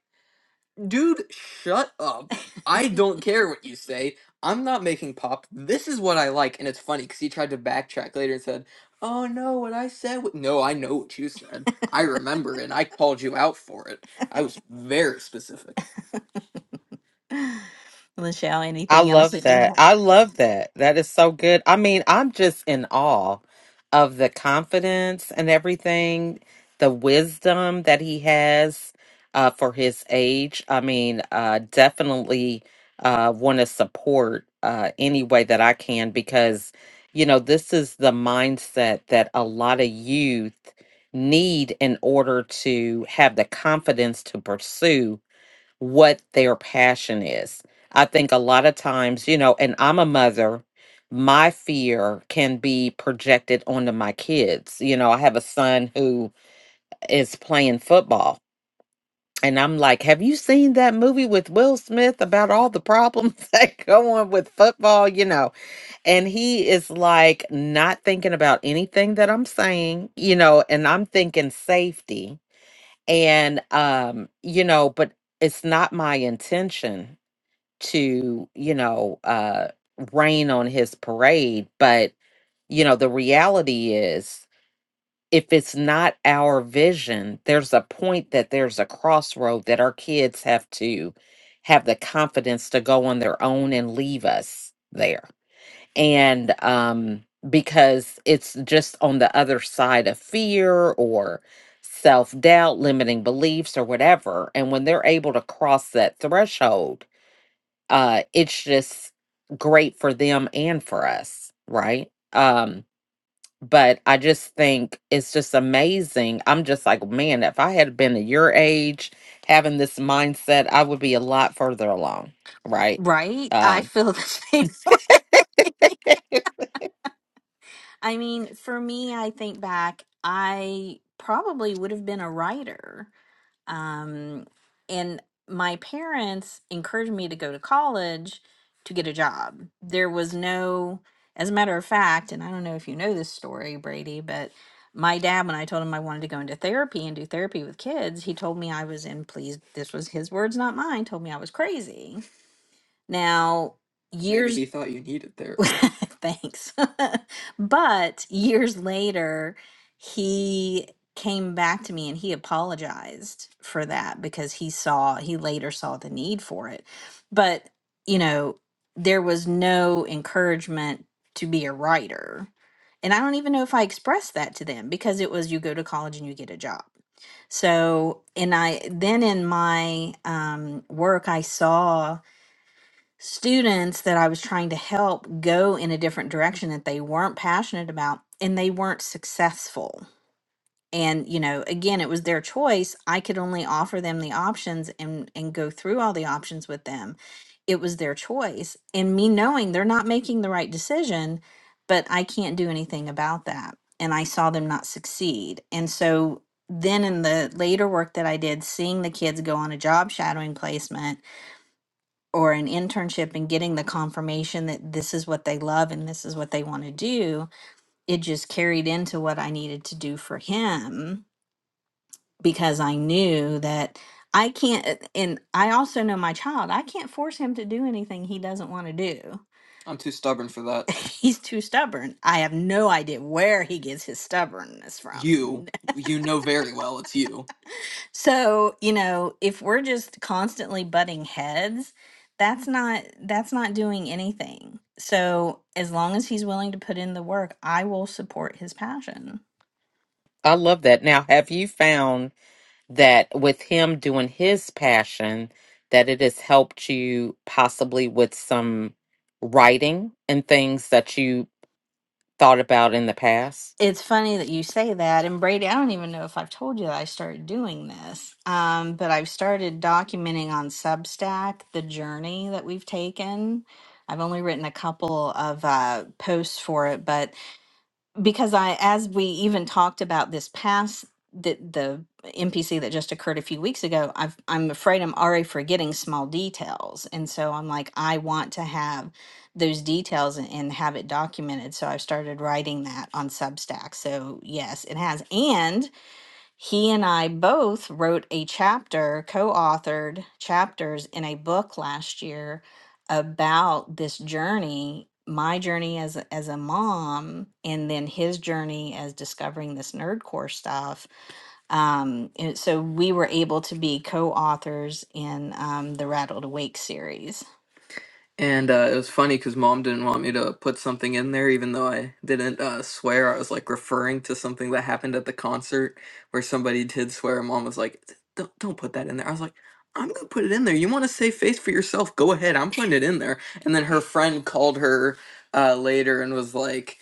Dude, shut up. I don't care what you say. I'm not making pop. This is what I like. And it's funny because he tried to backtrack later and said, Oh no, what I said. wa-" No, I know what you said. I remember and I called you out for it. I was very specific. Michelle,
I
anything else
love
that you
that.
have?
I love that. That is so good. I mean, I'm just in awe of the confidence and everything, the wisdom that he has uh, for his age. I mean, uh, definitely uh, want to support uh, any way that I can because, you know, this is the mindset that a lot of youth need in order to have the confidence to pursue what their passion is. I think a lot of times, you know, and I'm a mother, my fear can be projected onto my kids. You know, I have a son who is playing football. And I'm like, have you seen that movie with Will Smith about all the problems that go on with football? You know, and he is like not thinking about anything that I'm saying, you know, and I'm thinking safety. And, um, you know, but it's not my intention to, you know, uh, rain on his parade. But, you know, the reality is, if it's not our vision, there's a point that there's a crossroad that our kids have to have the confidence to go on their own and leave us there. And um, because it's just on the other side of fear or self doubt, limiting beliefs, or whatever. And when they're able to cross that threshold, uh it's just great for them and for us right um but i just think it's just amazing i'm just like man if i had been at your age having this mindset i would be a lot further along right
Right? I
um
feel the same. I mean, for me, I think back, I probably would have been a writer. Um, and my parents encouraged me to go to college to get a job. There was no, as a matter of fact, and I don't know if you know this story, Brady, but my dad, when I told him I wanted to go into therapy and do therapy with kids, he told me I was in, please, this was his words, not mine, told me I was crazy. Now, Maybe years he thought you needed therapy. Thanks. but years later, he came back to me and he apologized for that because he saw, he later saw the need for it. But, you know, there was no encouragement to be a writer. And I don't even know if I expressed that to them because it was you go to college and you get a job. So, and I then in my um, work, I saw students that I was trying to help go in a different direction that they weren't passionate about and they weren't successful. And you know, again, it was their choice. I could only offer them the options and and go through all the options with them. It was their choice. And me knowing they're not making the right decision, but I can't do anything about that. And I saw them not succeed. And so then in the later work that I did, seeing the kids go on a job shadowing placement or an internship and getting the confirmation that this is what they love and this is what they want to do, it just carried into what I needed to do for him because I knew that I can't, uh, and I also know my child, I can't force him to do anything he doesn't want to do. I'm too stubborn for that. He's too stubborn. I have no idea where he gets his stubbornness from. You, you know very well it's you. So, you know, if we're just constantly butting heads, that's not that's not doing anything. So, as long as he's willing to put in the work, I will support his passion.
i love that now have you found that with him doing his passion that it has helped you possibly with some writing and things that you thought about in the past
It's funny that you say that. And Brady, I don't even know if I've told you that I started doing this, um, but I've started documenting on Substack the journey that we've taken. I've only written a couple of uh, posts for it, but because I, as we even talked about this past the the NPC that just occurred a few weeks ago, I've, I'm afraid I'm already forgetting small details, and so I'm like, I want to have those details and, and have it documented. So I've started writing that on Substack. So yes, it has, and he and I both wrote a chapter, co authored chapters in a book last year about this journey my journey as a, as a mom and then his journey as discovering this nerdcore stuff um and so we were able to be co-authors in um the rattled awake series and uh, it was funny because mom didn't want me to put something in there, even though I didn't uh, swear. I was like referring to something that happened at the concert where somebody did swear. Mom was like, "Don't don't put that in there." I was like, "I'm gonna put it in there. You want to save face for yourself? Go ahead. I'm putting it in there." And then her friend called her uh, later and was like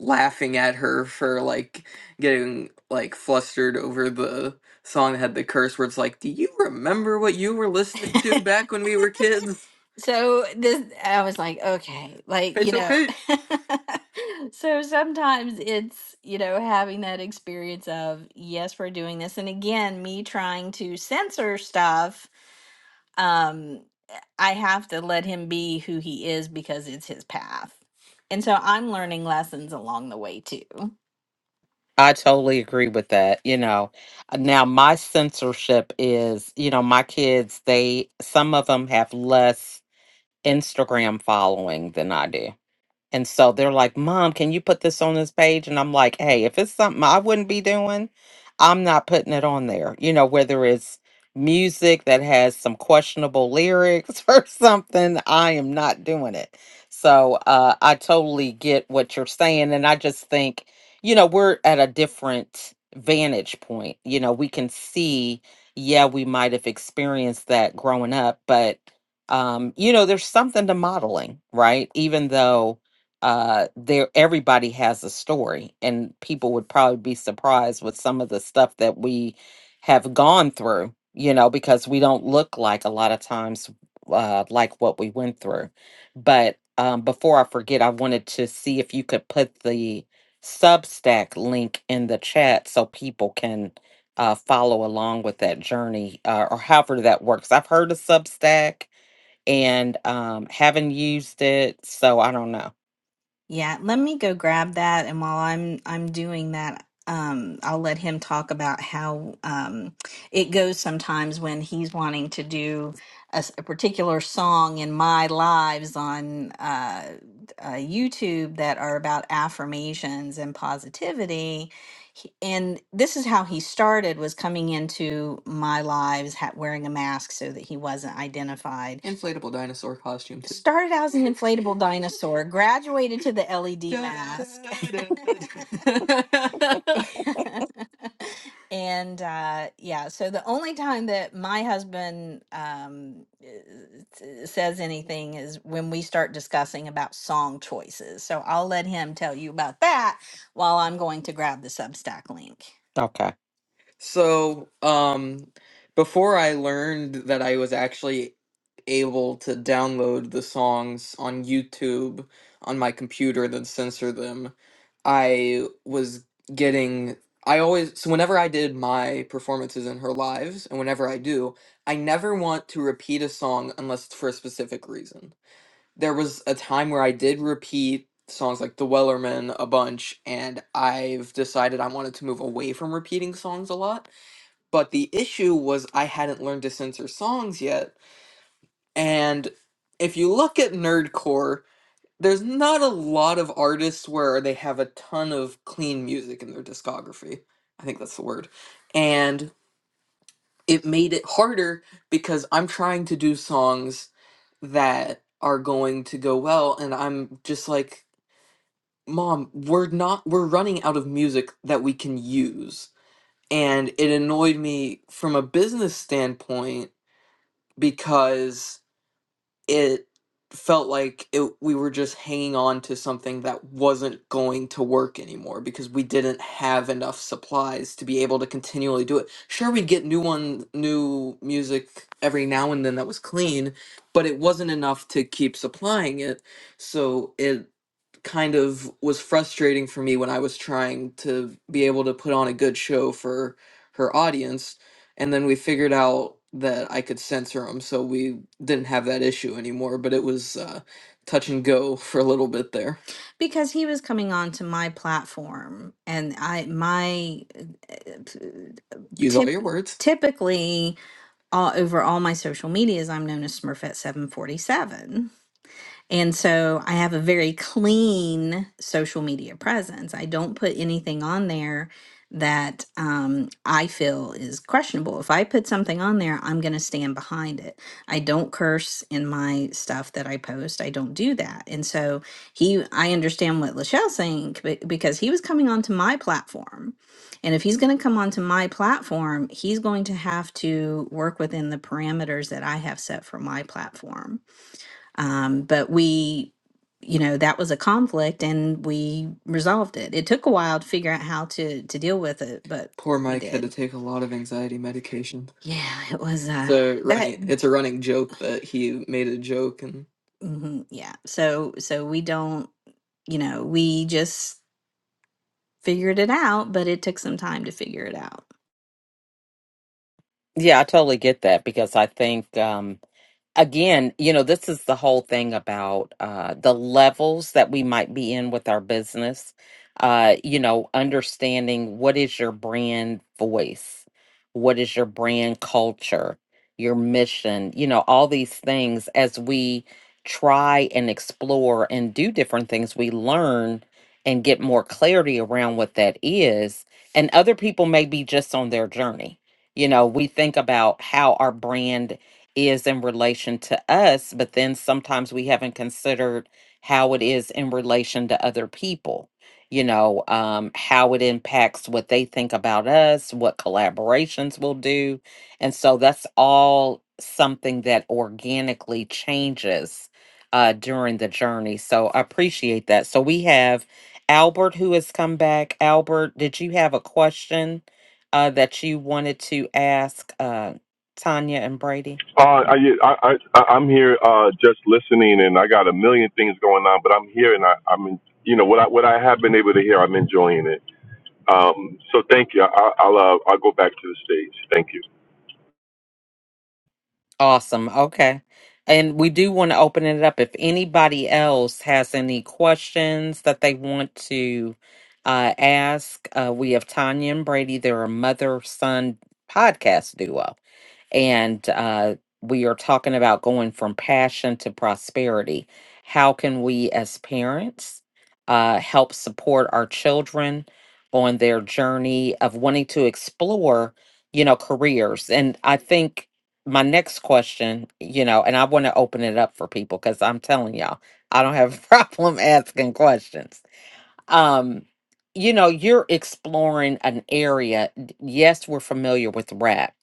laughing at her for like getting like flustered over the song that had the curse words. Like, do you remember what you were listening to back when we were kids? So this, I was like, okay, like, you It's know, okay. so sometimes it's, you know, having that experience of, yes, we're doing this. And again, me trying to censor stuff, um, I have to let him be who he is because it's his path. And so I'm learning lessons along the way too.
I totally agree with that. You know, uh, now my censorship is, you know, my kids, they, some of them have less Instagram following than I do. And so they're like, Mom, can you put this on this page? And I'm like, Hey, if it's something I wouldn't be doing, I'm not putting it on there. You know, whether it's music that has some questionable lyrics or something, I am not doing it. So uh, I totally get what you're saying. And I just think, you know, we're at a different vantage point. You know, we can see, yeah, we might have experienced that growing up, but. Um, you know, there's something to modeling, right? Even though uh there everybody has a story and people would probably be surprised with some of the stuff that we have gone through you know because we don't look like a lot of times uh like what we went through but um before i forget i wanted to see if you could put the substack link in the chat so people can uh follow along with that journey uh, or however that works i've heard of substack and um haven't used it so i don't know
Yeah, let me go grab that and while I'm I'm doing that, um I'll let him talk about how um it goes sometimes when he's wanting to do a, s- a particular song in my lives on uh, uh YouTube that are about affirmations and positivity he, and this is how he started was coming into my lives ha- wearing a mask so that he wasn't identified. Inflatable dinosaur costume too. Started out as an inflatable dinosaur, graduated to the LED Da, da, mask. da, da. and uh yeah so the only time that my husband um uh, s- says anything is when we start discussing about song choices so i'll let him tell you about that while I'm going to grab the Substack link.
okay
So, um, before I learned that I was actually able to download the songs on YouTube on my computer and then censor them, I was getting. I always, so whenever I did my performances in her lives, and whenever I do, I never want to repeat a song unless it's for a specific reason there was a time where I did repeat songs like The Wellerman a bunch, and I've decided I wanted to move away from repeating songs a lot. But the issue was I hadn't learned to censor songs yet. And if you look at Nerdcore, there's not a lot of artists where they have a ton of clean music in their discography. I think that's the word. And it made it harder because I'm trying to do songs that are going to go well and I'm just like mom we're not we're running out of music that we can use and it annoyed me from a business standpoint because it felt like it, we were just hanging on to something that wasn't going to work anymore because we didn't have enough supplies to be able to continually do it sure we'd get new one new music every now and then that was clean but it wasn't enough to keep supplying it so it kind of was frustrating for me when I was trying to be able to put on a good show for her audience. And then we figured out that I could censor them, so we didn't have that issue anymore. But it was uh, touch and go for a little bit there. because he was coming onto my platform and i my uh, Use all tip your words. typically all over all my social medias i'm known as smurfette 747 and so I have a very clean social media presence. I don't put anything on there that um, I feel is questionable. If I put something on there, I'm going to stand behind it. I don't curse in my stuff that I post. I don't do that. And so he, I understand what Lachelle's saying be- because he was coming onto my platform. And if he's going to come onto my platform, he's going to have to work within the parameters that I have set for my platform. Um, but we, you know, that was a conflict and we resolved it. It took a while to figure out how to to deal with it, but Poor we Mike had to did. take a lot of anxiety medication. Yeah, it was uh So that running, it's a running joke that he made a joke and hmm yeah. So so we don't, you know, we just figured it out, but it took some time to figure it out.
Yeah, I totally get that because I think um, again, you know, this is the whole thing about uh, the levels that we might be in with our business. Uh, you know, understanding what is your brand voice, what is your brand culture, your mission, you know, all these things as we try and explore and do different things, we learn and get more clarity around what that is. And other people may be just on their journey. You know, we think about how our brand is in relation to us, but then sometimes we haven't considered how it is in relation to other people, you know, um, how it impacts what they think about us, what collaborations will do. And so that's all something that organically changes uh, during the journey. So I appreciate that. So we have Albert who has come back. Albert, did you have a question uh, that you wanted to ask uh, Tanya and Brady?
Uh, I, I, I, I'm here uh, just listening, and I got a million things going on, but I'm here, and I, I'm, in, you know, what I what I have been able to hear, I'm enjoying it. Um, so thank you. I, I'll uh, I'll go back to the stage. Thank you.
Awesome. Okay. And we do want to open it up. If anybody else has any questions that they want to uh, ask, uh, we have Tanya and Brady. They're a mother son podcast duo. And uh, we are talking about going from passion to prosperity. How can we, as parents, uh, help support our children on their journey of wanting to explore, you know, careers? And I think my next question, you know, and I want to open it up for people because I'm telling y'all, I don't have a problem asking questions. Um, you know, you're exploring an area. d- Yes, we're familiar with rap,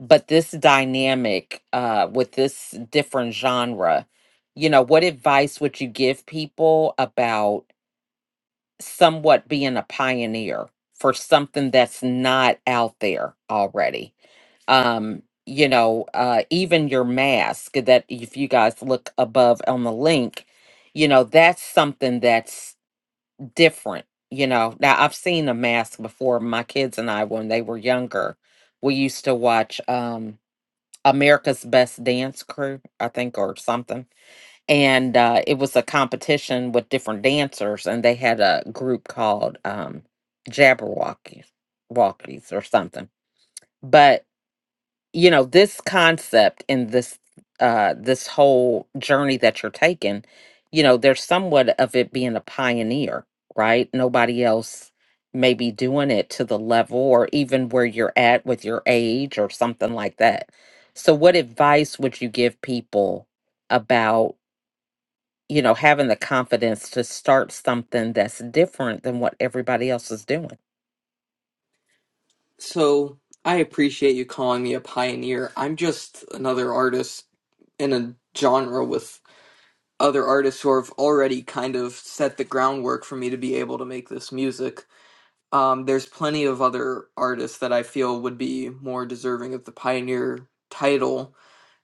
but this dynamic uh, with this different genre, you know, what advice would you give people about somewhat being a pioneer for something that's not out there already? um you know uh even your mask that if you guys look above on the link you know that's something that's different you know now i've seen a mask before my kids and i when they were younger we used to watch um america's best dance crew i think or something and uh it was a competition with different dancers and they had a group called um jabberwockies walkies or something you know this concept and this uh this whole journey that you're taking you know there's somewhat of it being a pioneer right nobody else may be doing it to the level or even where you're at with your age or something like that so what advice would you give people about you know having the confidence to start something that's different than what everybody else is doing
so I appreciate you calling me a pioneer. I'm just another artist in a genre with other artists who have already kind of set the groundwork for me to be able to make this music. Um, there's plenty of other artists that I feel would be more deserving of the pioneer title.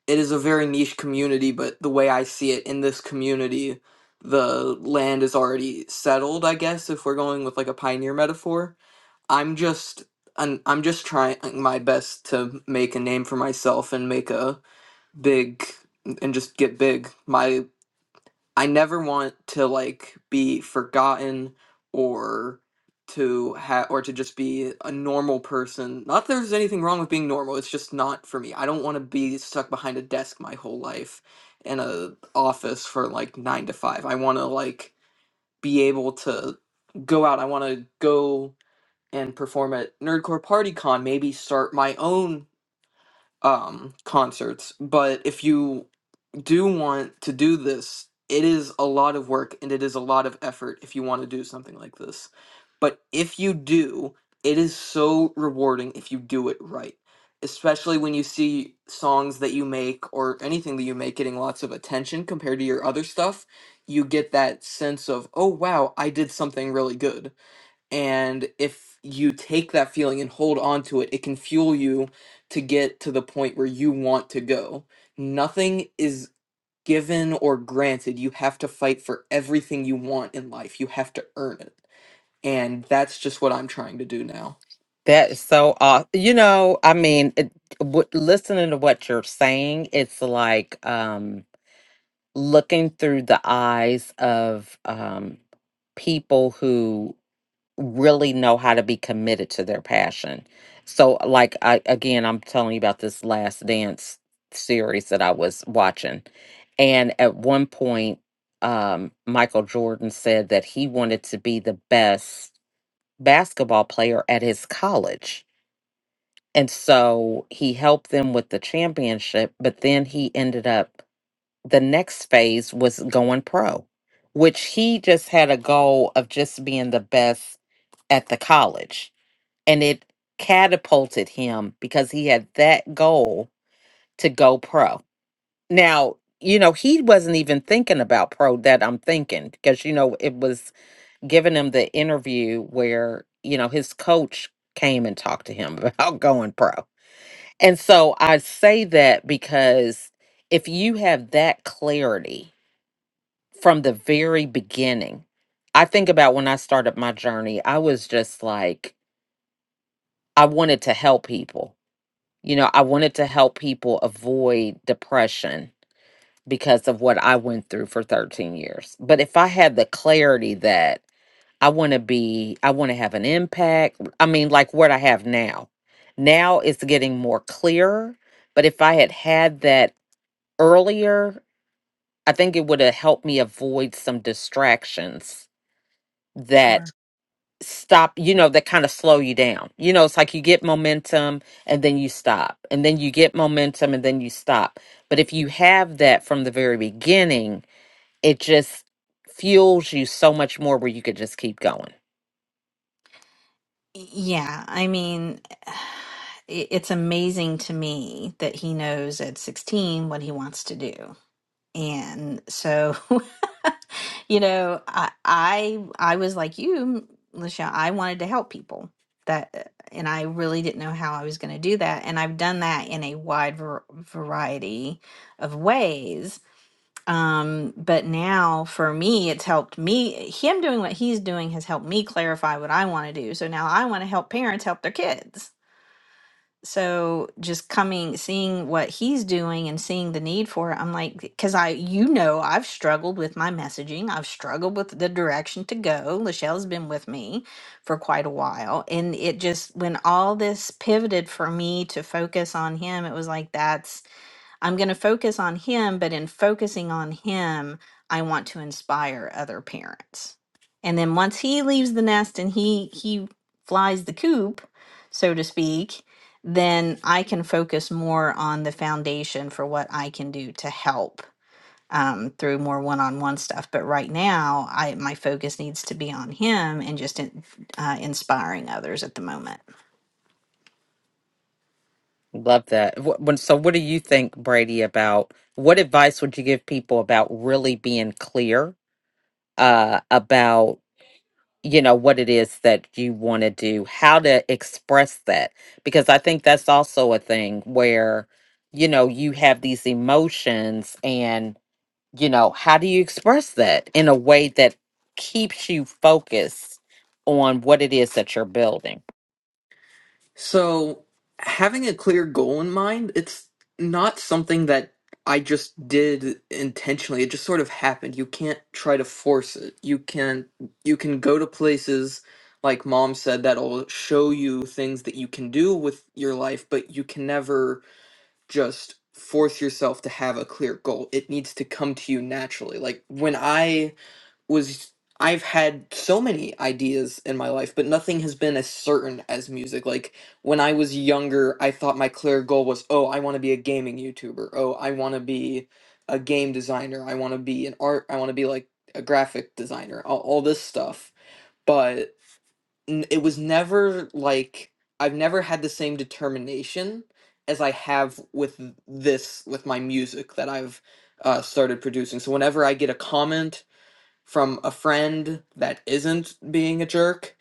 It is a very niche community, but the way I see it in this community, the land is already settled, I guess, if we're going with like a pioneer metaphor. I'm just I'm, I'm just trying my best to make a name for myself and make a big and just get big. My I never want to like be forgotten or to have or to just be a normal person. Not that there's anything wrong with being normal, it's just not for me. I don't want to be stuck behind a desk my whole life in a office for like 9 to 5. I want to like be able to go out. I want to go and perform at Nerdcore Party Con, maybe start my own um concerts. But if you do want to do this, it is a lot of work and it is a lot of effort if you want to do something like this. But if you do, it is so rewarding if you do it right. Especially when you see songs that you make or anything that you make getting lots of attention compared to your other stuff, you get that sense of, oh wow, I did something really good. And if you take that feeling and hold on to it, it can fuel you to get to the point where you want to go nothing is given or granted. You have to fight for everything you want in life. You have to earn it. And that's just what I'm trying to do now.
That is so awesome. You know, I mean, it, w- listening to what you're saying, it's like um, looking through the eyes of um, people who really know how to be committed to their passion. So, like, I, again, I'm telling you about this last dance series that I was watching. And at one point, um, Michael Jordan said that he wanted to be the best basketball player at his college and so he helped them with the championship, but then he ended up the next phase was going pro, which he just had a goal of just being the best at the college. And it catapulted him because he had that goal to go pro. Now, you know, he wasn't even thinking about pro that I'm thinking because, you know, it was giving him the interview where, you know, his coach came and talked to him about going pro and so I say that because if you have that clarity from the very beginning, I think about when I started my journey, I was just like, I wanted to help people. You know, I wanted to help people avoid depression because of what I went through for 13 years. But if I had the clarity that I want to be, I want to have an impact, I mean, like what I have now, now it's getting more clearer. But if I had had that earlier, I think it would have helped me avoid some distractions that
Sure.
stop, you know, that kind of slow you down. You know, it's like you get momentum and then you stop, and then you get momentum and then you stop. But if you have that from the very beginning, it just fuels you so much more where you could just keep going.
Yeah, I mean, it- it's amazing to me that he knows at 16 what he wants to do. And so You know, I I I was like you, Lisha. I wanted to help people that, uh, and I really didn't know how I was going to do that. And I've done that in a wide var- variety of ways. Um, but now for me, it's helped me. Him doing what he's doing has helped me clarify what I want to do. So now I want to help parents help their kids so just coming seeing what he's doing and seeing the need for it i'm like because i you know i've struggled with my messaging i've struggled with the direction to go lachelle's been with me for quite a while and it just when all this pivoted for me to focus on him it was like that's I'm going to focus on him, but in focusing on him, I want to inspire other parents. And then once he leaves the nest and he he flies the coop, so to speak, then I can focus more on the foundation for what I can do to help um, through more one-on-one stuff. But right now, I my focus needs to be on him and just in, uh, inspiring others at the moment.
Love that. Wh- when- So, what do you think, Brady, about what advice would you give people about really being clear? uh, about you know what it is that you want to do how to express that because i think that's also a thing where you know you have these emotions and you know how do you express that in a way that keeps you focused on what it is that you're building
So, having a clear goal in mind, it's not something that I just did intentionally. It just sort of happened. You can't try to force it. You can you can go to places like mom said that'll show you things that you can do with your life, but you can never just force yourself to have a clear goal. It needs to come to you naturally. Like when I was I've had so many ideas in my life, but nothing has been as certain as music. Like when I was younger, I thought my clear goal was, oh, I want to be a gaming YouTuber. Oh, I want to be a game designer. I want to be an art. I want to be like a graphic designer. All, all this stuff, but n- it was never like I've never had the same determination as I have with this with my music that I've uh, started producing. So whenever I get a comment from a friend that isn't being a jerk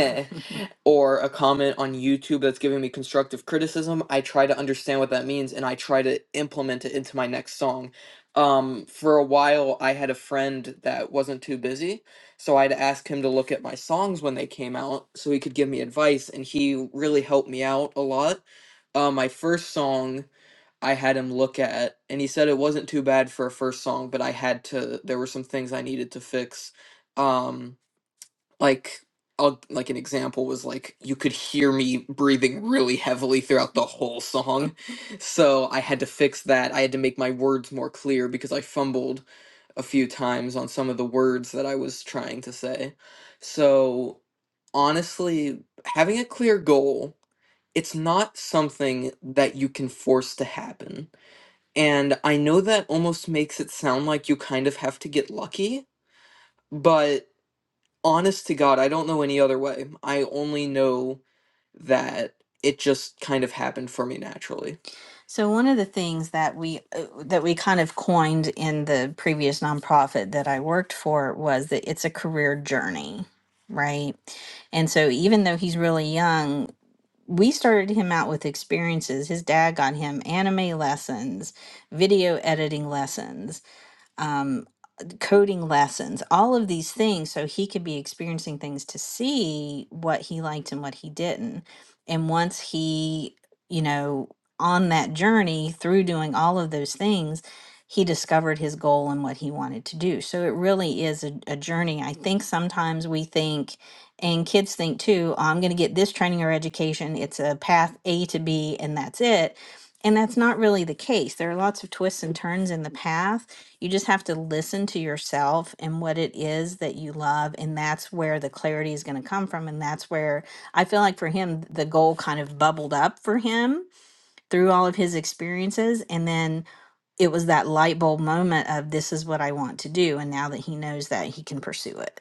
or a comment on YouTube that's giving me constructive criticism, I try to understand what that means and I try to implement it into my next song. Um, for a while, I had a friend that wasn't too busy, so I'd ask him to look at my songs when they came out so he could give me advice, and he really helped me out a lot. Uh, my first song I had him look at, and he said it wasn't too bad for a first song, but I had to. There were some things I needed to fix. Um, like, I'll, like an example was like you could hear me breathing really heavily throughout the whole song, so I had to fix that. I had to make my words more clear because I fumbled a few times on some of the words that I was trying to say. So, honestly, having a clear goal, it's not something that you can force to happen and I know that almost makes it sound like you kind of have to get lucky, but honest to God, I don't know any other way. I only know that it just kind of happened for me naturally. So one of the things that we uh, that we kind of coined in the previous nonprofit that I worked for was that it's a career journey, right? And so even though he's really young, we started him out with experiences. His dad got him anime lessons, video editing lessons. um, coding lessons, all of these things. So he could be experiencing things to see what he liked and what he didn't. And once he, you know, on that journey through doing all of those things, he discovered his goal and what he wanted to do. So it really is a, a journey. I think sometimes we think, and kids think too, "Oh, I'm going to get this training or education. It's a path A to B, and that's it. And that's not really the case. There are lots of twists and turns in the path you just have to listen to yourself and what it is that you love. And that's where the clarity is going to come from. And that's where I feel like for him, the goal kind of bubbled up for him through all of his experiences. And then it was that light bulb moment of this is what I want to do. And now that he knows that, he can pursue it.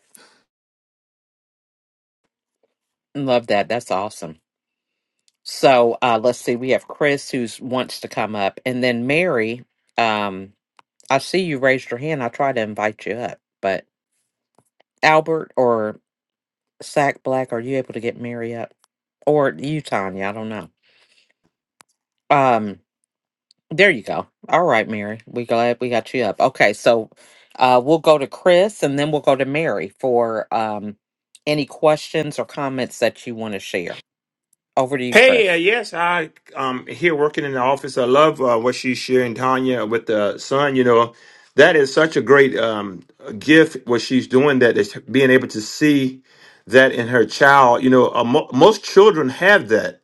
love that that's awesome so uh let's see we have chris who's wants to come up and then mary um i see you raised your hand i try to invite you up but albert or Sack Black, are you able to get Mary up? Or you, Tanya, I don't know. Um, there you go. All right, Mary. We glad we got you up. Okay, so uh we'll go to Chris and then we'll go to Mary for um any questions or comments that you want to share. Over to you,
Hey, uh,
Chris.
yes, I um here working in the office. I love uh, what she's sharing, Tanya, with the son. You know, that is such a great um gift what she's doing. That is being able to see that in her child. You know, uh, mo- most children have that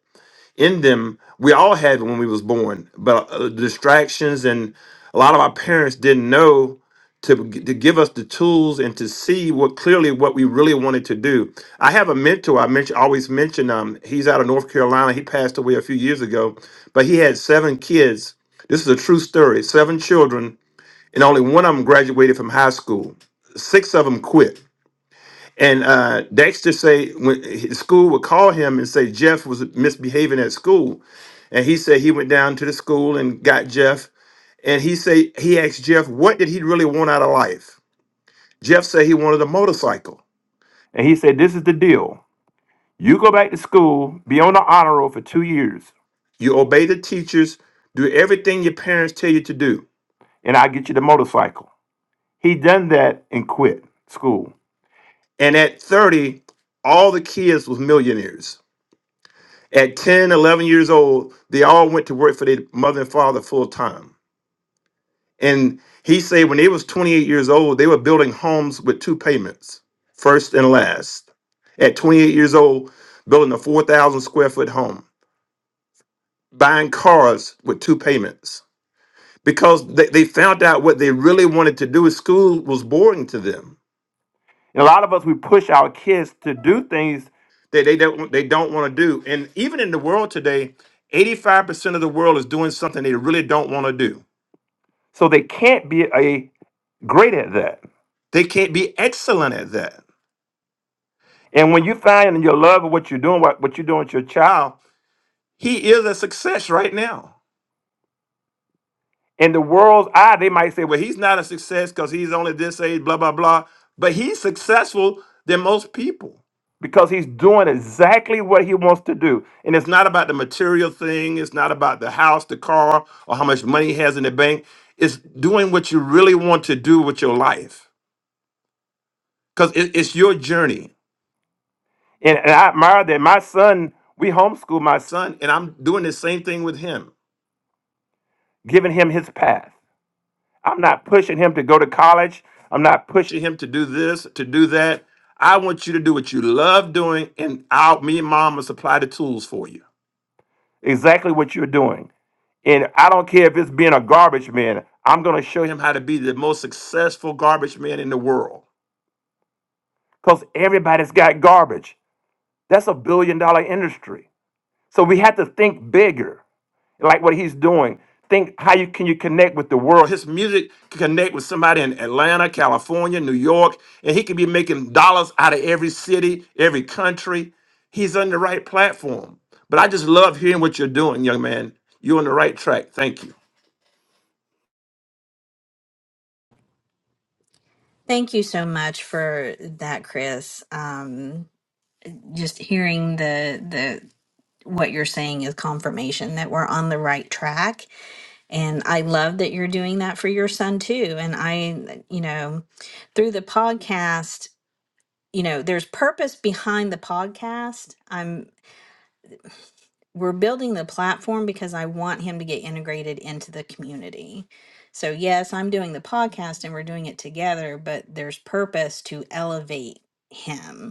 in them we all had it when we was born but uh, distractions and a lot of our parents didn't know to, to give us the tools and to see what clearly what we really wanted to do i have a mentor i mention, always mention um, he's out of north carolina he passed away a few years ago but he had seven kids this is a true story seven children and only one of them graduated from high school six of them quit and uh, Dexter say when his school would call him and say Jeff was misbehaving at school, and he said he went down to the school and got Jeff. And he said he asked Jeff, what did he really want out of life? Jeff said he wanted a motorcycle. And he said, This is the deal. You go back to school, be on the honor roll for two years. You obey the teachers, do everything your parents tell you to do, and I'll get you the motorcycle. He done that and quit school. And at 30, all the kids was millionaires. At 10, 11 years old, they all went to work for their mother and father full time. And he said when they was 28 years old, they were building homes with two payments, first and last. At 28 years old, building a 4,000 square foot home, buying cars with two payments. Because they, they found out what they really wanted to do is school was boring to them. And a lot of us, we push our kids to do things that they don't, they don't want to do. And even in the world today, 85% of the world is doing something they really don't want to do. So they can't be a great at that. They can't be excellent at that. And when you find in your love of what you're doing, what, what you're doing with your child, He is a success right now. in the world's eye, they might say, well, Well, he's not a success because he's only this age, blah, blah, blah. But he's successful than most people. because he's doing exactly what he wants to do. And it's not about the material thing. It's not about the house, the car, or how much money he has in the bank. It's doing what you really want to do with your life because it's your journey. And, and I admire that. My son, we homeschool my son, and I'm doing the same thing with him, giving him his path. I'm not pushing him to go to college. I'm not pushing him to do this, to do that. I want you to do what you love doing, and I'll, me and mom will supply the tools for you. Exactly what you're doing. And I don't care if it's being a garbage man. I'm going to show him how to be the most successful garbage man in the world. Because everybody's got garbage. That's a billion dollar industry. So we have to think bigger. like what he's doing. Think how you can you connect with the world. His music can connect with somebody in Atlanta, California, New York, and he could be making dollars out of every city, every country. He's on the right platform. But I just love hearing what you're doing, young man. You're on the right track. Thank you.
Thank you so much for that, Chris. Um, just hearing the the what you're saying is confirmation that we're on the right track And I love that you're doing that for your son too. And I, you know, through the podcast, you know, there's purpose behind the podcast. I'm we're building the platform because I want him to get integrated into the community. So yes, I'm doing the podcast and we're doing it together, but there's purpose to elevate him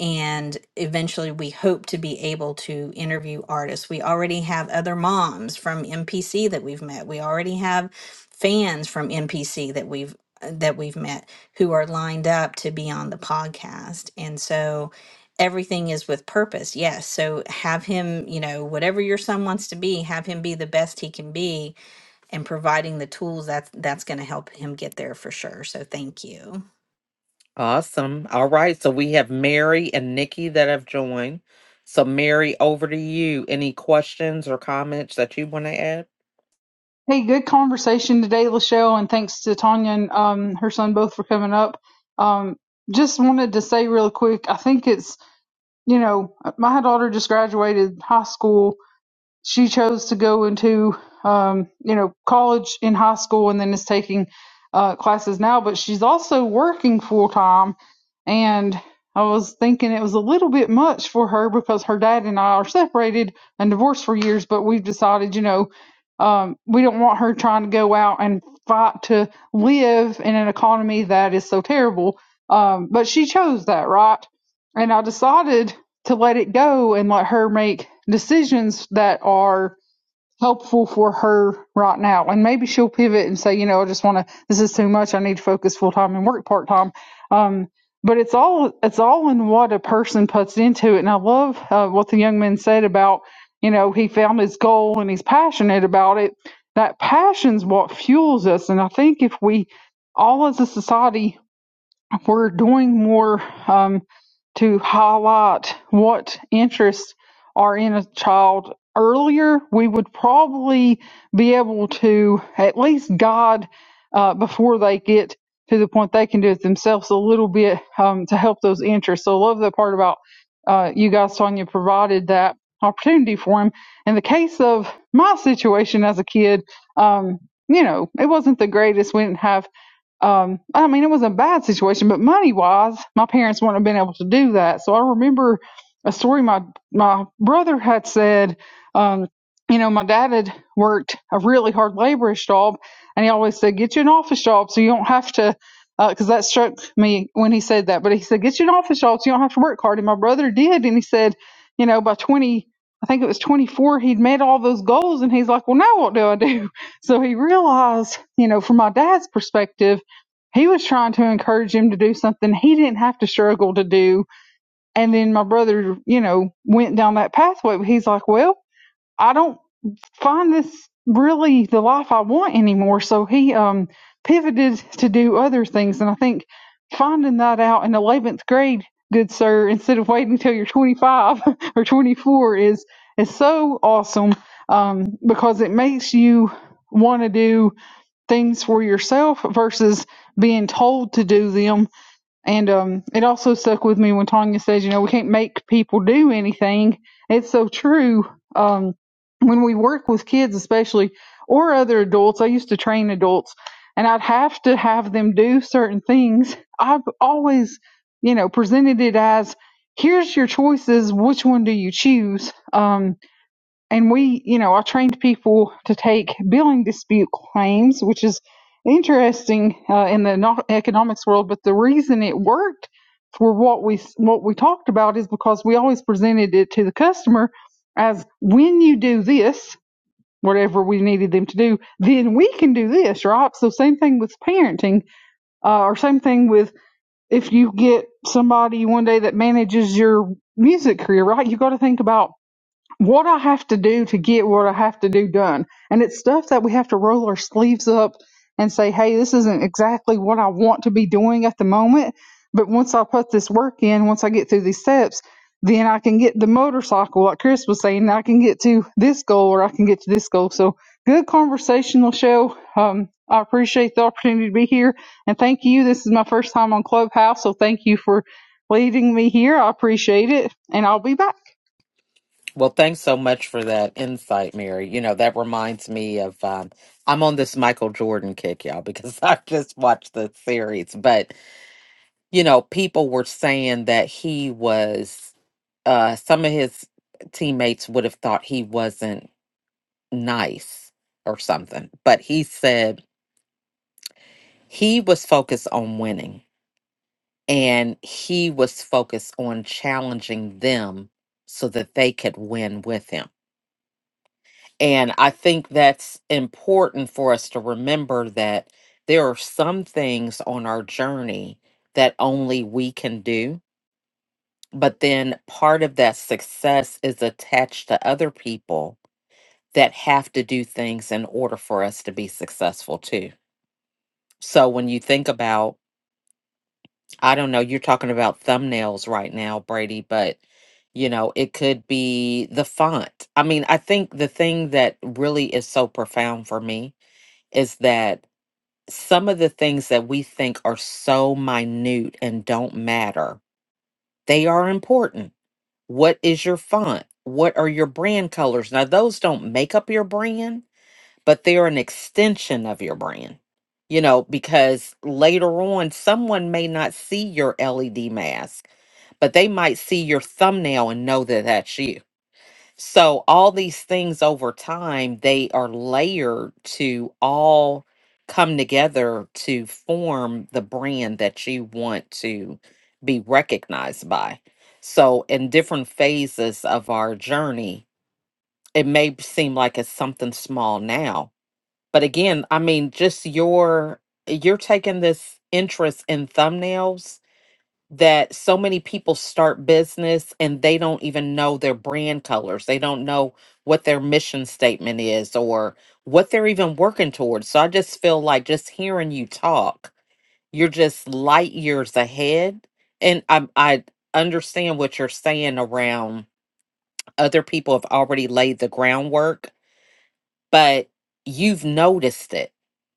and eventually we hope to be able to interview artists. We already have other moms from MPC that we've met. We already have fans from MPC that we've that we've met who are lined up to be on the podcast. And so everything is with purpose. Yes. So have him, you know, whatever your son wants to be, have him be the best he can be and providing the tools that's that's going to help him get there for sure. So thank you.
Awesome. All right, so we have Mary and Nikki that have joined. So Mary, over to you. Any questions or comments that you want to add?
Hey, good conversation today, Lachelle, and thanks to Tanya and um, her son both for coming up. Um, just wanted to say real quick, I think it's, you know, my daughter just graduated high school she chose to go into um, you know college in high school and then is taking uh, classes now but she's also working full time and i was thinking it was a little bit much for her because her dad and i are separated and divorced for years but we've decided you know um, we don't want her trying to go out and fight to live in an economy that is so terrible um, but she chose that right and i decided to let it go and let her make decisions that are helpful for her right now. And maybe she'll pivot and say, you know, I just want to, this is too much. I need to focus full time and work part time. Um, but it's all, it's all in what a person puts into it. And I love uh, what the young man said about, you know, he found his goal and he's passionate about it. That passion's what fuels us. And I think if we all as a society we're doing more um, to highlight what interests are in a child earlier, we would probably be able to at least guide uh, before they get to the point they can do it themselves a little bit um, to help those interests. So, I love the part about uh, you guys, Sonia, provided that opportunity for him. In the case of my situation as a kid, um, you know, it wasn't the greatest. We didn't have um, I mean, it was a bad situation, but money wise, my parents wouldn't have been able to do that. So I remember a story my my brother had said. Um, you know, my dad had worked a really hard laborish job, and he always said, "Get you an office job, so you don't have to." Because that struck me when he said that. But he said, "Get you an office job, so you don't have to work hard." And my brother did, and he said, "You know, by twenty, I think it was twenty-four, he'd met all those goals." And he's like, "Well, now what do I do?" So he realized, you know, from my dad's perspective he was trying to encourage him to do something he didn't have to struggle to do. And then my brother, you know, went down that pathway. He's like, well, I don't find this really the life I want anymore. So he um, pivoted to do other things. And I think finding that out in 11th grade, good sir, instead of waiting until you're 25 or 24 is, is so awesome um, because it makes you want to do things for yourself versus being told to do them. And um, it also stuck with me when Tanya says, you know, we can't make people do anything. It's so true. Um, when we work with kids, especially or other adults, I used to train adults and I'd have to have them do certain things. I've always, you know, presented it as here's your choices. Which one do you choose? Um, and we, you know, I trained people to take billing dispute claims, which is interesting uh, in the no- economics world. But the reason it worked for what we what we talked about is because we always presented it to the customer as when you do this, whatever we needed them to do, then we can do this, right? So same thing with parenting, uh, or same thing with if you get somebody one day that manages your music career, right? You got to think about what I have to do to get what I have to do done. And it's stuff that we have to roll our sleeves up and say, hey, this isn't exactly what I want to be doing at the moment. But once I put this work in, once I get through these steps, then I can get the motorcycle, like Chris was saying, I can get to this goal or I can get to this goal. So good conversational show. Um, I appreciate the opportunity to be here and thank you. This is my first time on Clubhouse. So thank you for leading me here. I appreciate it and I'll be back.
Well, thanks so much for that insight, Mary. You know, that reminds me of um, I'm on this Michael Jordan kick, y'all, because I just watched the series. But, you know, people were saying that he was, uh, some of his teammates would have thought he wasn't nice or something. But he said he was focused on winning and he was focused on challenging them so that they could win with him And I think that's important for us to remember that there are some things on our journey that only we can do. But then part of that success is attached to other people that have to do things in order for us to be successful too. So when you think about, I don't know, you're talking about thumbnails right now, Brady, but you know, it could be the font. I mean, I think the thing that really is so profound for me is that some of the things that we think are so minute and don't matter, they are important. What is your font? What are your brand colors? Now, those don't make up your brand, but they're an extension of your brand, you know, because later on, someone may not see your LED mask, but they might see your thumbnail and know that that's you so all these things over time, they are layered to all come together to form the brand that you want to be recognized by. So in different phases of our journey, it may seem like it's something small now. But again, I mean, just your you're taking this interest in thumbnails that so many people start business and they don't even know their brand colors. They don't know what their mission statement is or what they're even working towards. So I just feel like just hearing you talk, you're just light years ahead. And I I understand what you're saying around other people have already laid the groundwork but you've noticed it.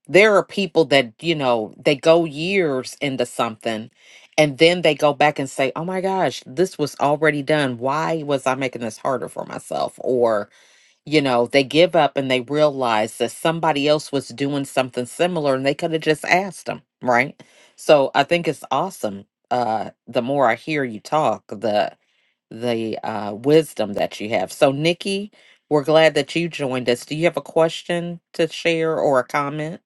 There are people that, you know, they go years into something and then they go back and say, oh my gosh, this was already done. Why was I making this harder for myself? Or, you know, they give up and they realize that somebody else was doing something similar and they could have just asked them, right? So I think it's awesome. Uh, the more I hear you talk, the the uh, wisdom that you have. So, Nikki, we're glad that you joined us. Do you have a question to share or a comment?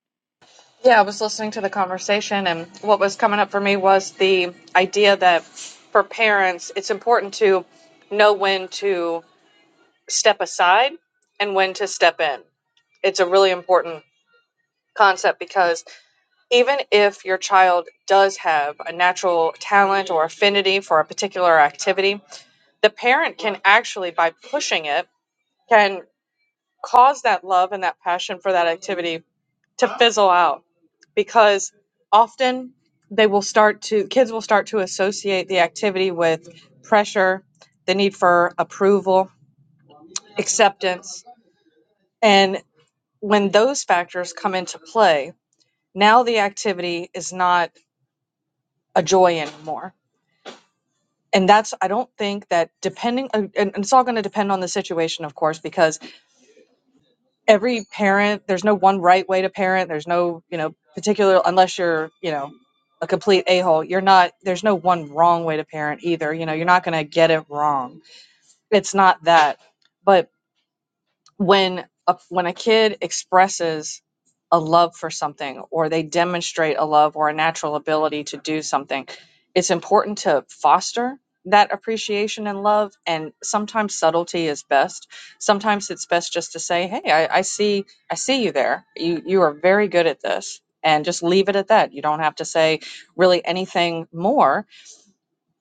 Yeah, I was listening to the conversation, and what was coming up for me was the idea that for parents, it's important to know when to step aside and when to step in. It's a really important concept because even if your child does have a natural talent or affinity for a particular activity, the parent can actually, by pushing it, can cause that love and that passion for that activity to fizzle out because often they will start to kids will start to associate the activity with pressure the need for approval acceptance and when those factors come into play now the activity is not a joy anymore and that's i don't think that depending and and it's all going to depend on the situation of course because every parent there's no one right way to parent there's no you know particular unless you're you know a complete a-hole you're not there's no one wrong way to parent either you know you're not going to get it wrong it's not that but when a, when a kid expresses a love for something or they demonstrate a love or a natural ability to do something it's important to foster that appreciation and love and sometimes subtlety is best sometimes it's best just to say hey i, I see i see you there you you are very good at this and just leave it at that you don't have to say really anything more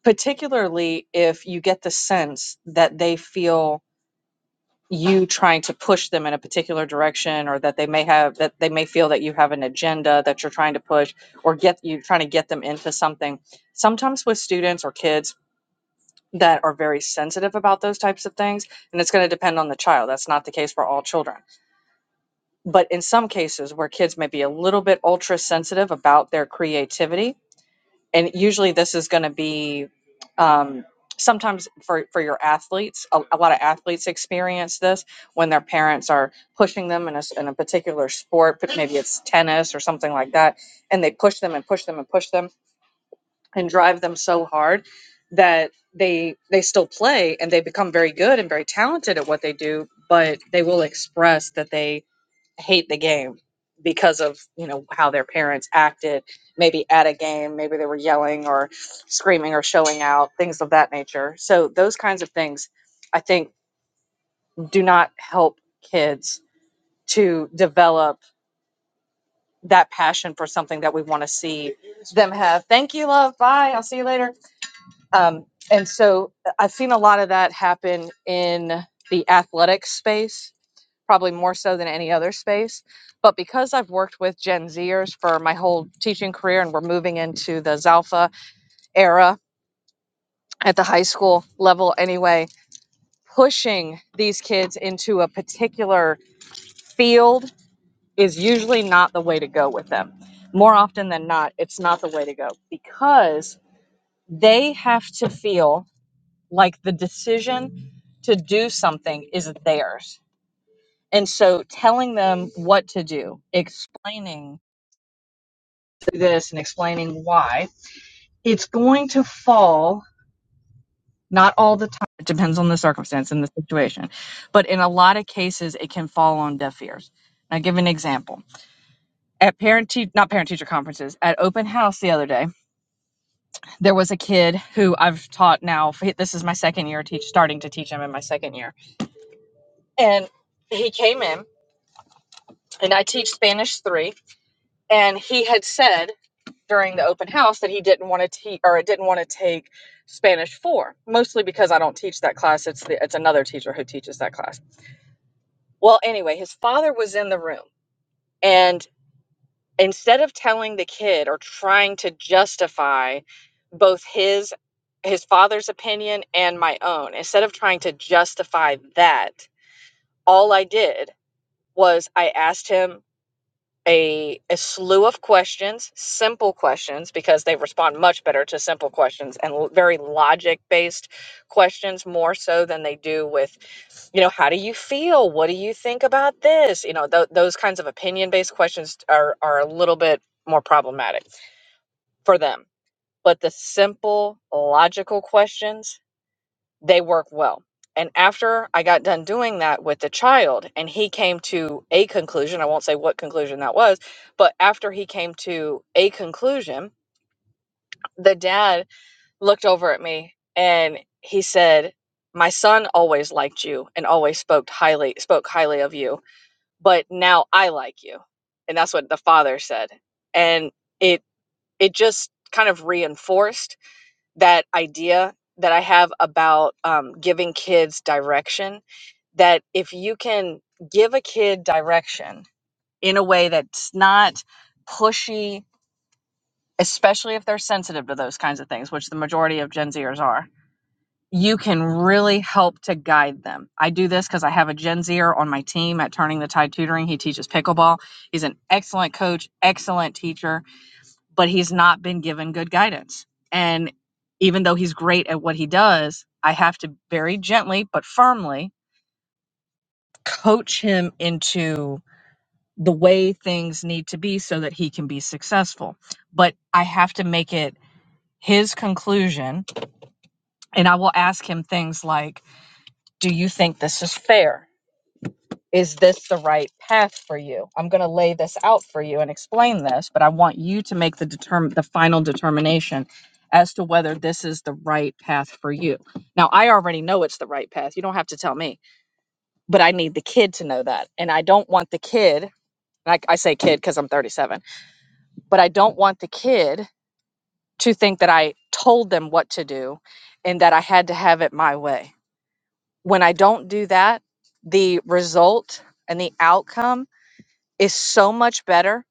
particularly if you get the sense that they feel you trying to push them in a particular direction or that they may have that they may feel that you have an agenda that you're trying to push or get you trying to get them into something sometimes with students or kids that are very sensitive about those types of things and it's going to depend on the child that's not the case for all children but in some cases where kids may be a little bit ultra sensitive about their creativity and usually this is going to be um, sometimes for, for your athletes a, a lot of athletes experience this when their parents are pushing them in a, s- in a particular sport but maybe it's tennis or something like that and they push them and push them and push them and drive them so hard that they they still play and they become very good and very talented at what they do but they will express that they hate the game because of you know how their parents acted maybe at a game maybe they were yelling or screaming or showing out things of that nature so those kinds of things i think do not help kids to develop that passion for something that we want to see them have thank you love bye i'll see you later um, and so uh, i've seen a lot of that happen in the athletic space probably more so than any other space. But because I've worked with Gen Zers for my whole teaching career and we're moving into the Zalpha era at the high school level anyway, pushing these kids into a particular field is usually not the way to go with them. More often than not, it's not the way to go because they have to feel like the decision to do something is theirs. And so telling them what to do, explaining this and explaining why, it's going to fall not all the time. It depends on the circumstance and the situation. But in a lot of cases, it can fall on deaf ears. I'll give an example. At parent te- not parent teacher conferences, at open house the other day, there was a kid who I've taught now. This is my second year teach starting to teach him in my second year. And he came in and I teach Spanish 3 and he had said during the open house that he didn't want to teach or didn't want to take Spanish 4, mostly because I don't teach that class. It's the, it's another teacher who teaches that class. Well, anyway, his father was in the room and instead of telling the kid or trying to justify both his his father's opinion and my own, instead of trying to justify that, all I did was I asked him a, a slew of questions, simple questions, because they respond much better to simple questions and l- very logic based questions more so than they do with, you know, how do you feel? What do you think about this? You know, th- those kinds of opinion based questions are, are a little bit more problematic for them. But the simple, logical questions, they work well. And after I got done doing that with the child, and he came to a conclusion, I won't say what conclusion that was, but after he came to a conclusion, the dad looked over at me and he said, My son always liked you and always spoke highly spoke highly of you, but now I like you. And that's what the father said. And it it just kind of reinforced that idea that I have about um, giving kids direction. That if you can give a kid direction in a way that's not pushy, especially if they're sensitive to those kinds of things, which the majority of Gen Zers are, you can really help to guide them. I do this because I have a Gen Zer on my team at Turning the Tide Tutoring. He teaches pickleball. He's an excellent coach, excellent teacher but he's not been given good guidance. And even though he's great at what he does, I have to very gently but firmly coach him into the way things need to be so that he can be successful. But I have to make it his conclusion. And I will ask him things like, Do you think this is fair? Is this the right path for you? I'm going to lay this out for you and explain this, but I want you to make the determ- the final determination as to whether this is the right path for you. Now, I already know it's the right path. You don't have to tell me, but I need the kid to know that. And I don't want the kid, like I say kid because I'm 37, but I don't want the kid to think that I told them what to do and that I had to have it my way. When I don't do that, the result and the outcome is so much better.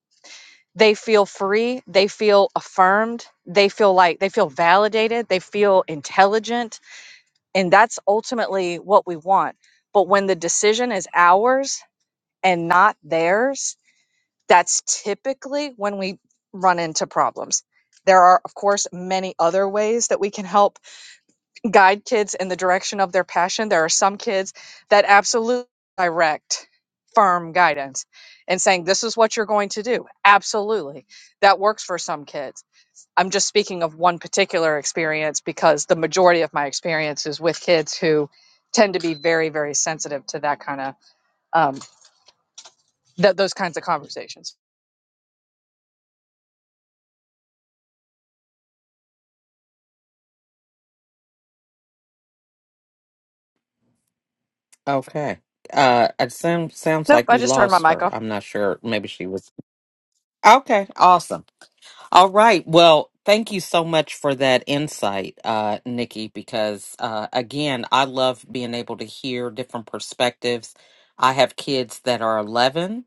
They feel free, they feel affirmed, they feel like they feel validated, they feel intelligent, and that's ultimately what we want. But when the decision is ours and not theirs, that's typically when we run into problems. There are, of course, many other ways that we can help guide kids in the direction of their passion. There are some kids that absolutely direct firm guidance and saying, This is what you're going to do. Absolutely. That works for some kids. I'm just speaking of one particular experience because the majority of my experience is with kids who tend to be very, very sensitive to that kind of um, th- those kinds of conversations.
Okay. Uh, it sound, sounds
Nope,
like
I
we
just turned my
lost
mic off.
her. I'm not sure. Maybe she was. Okay. Awesome. All right. Well, thank you so much for that insight, uh, Nikki, because uh, again, I love being able to hear different perspectives. I have kids that are 11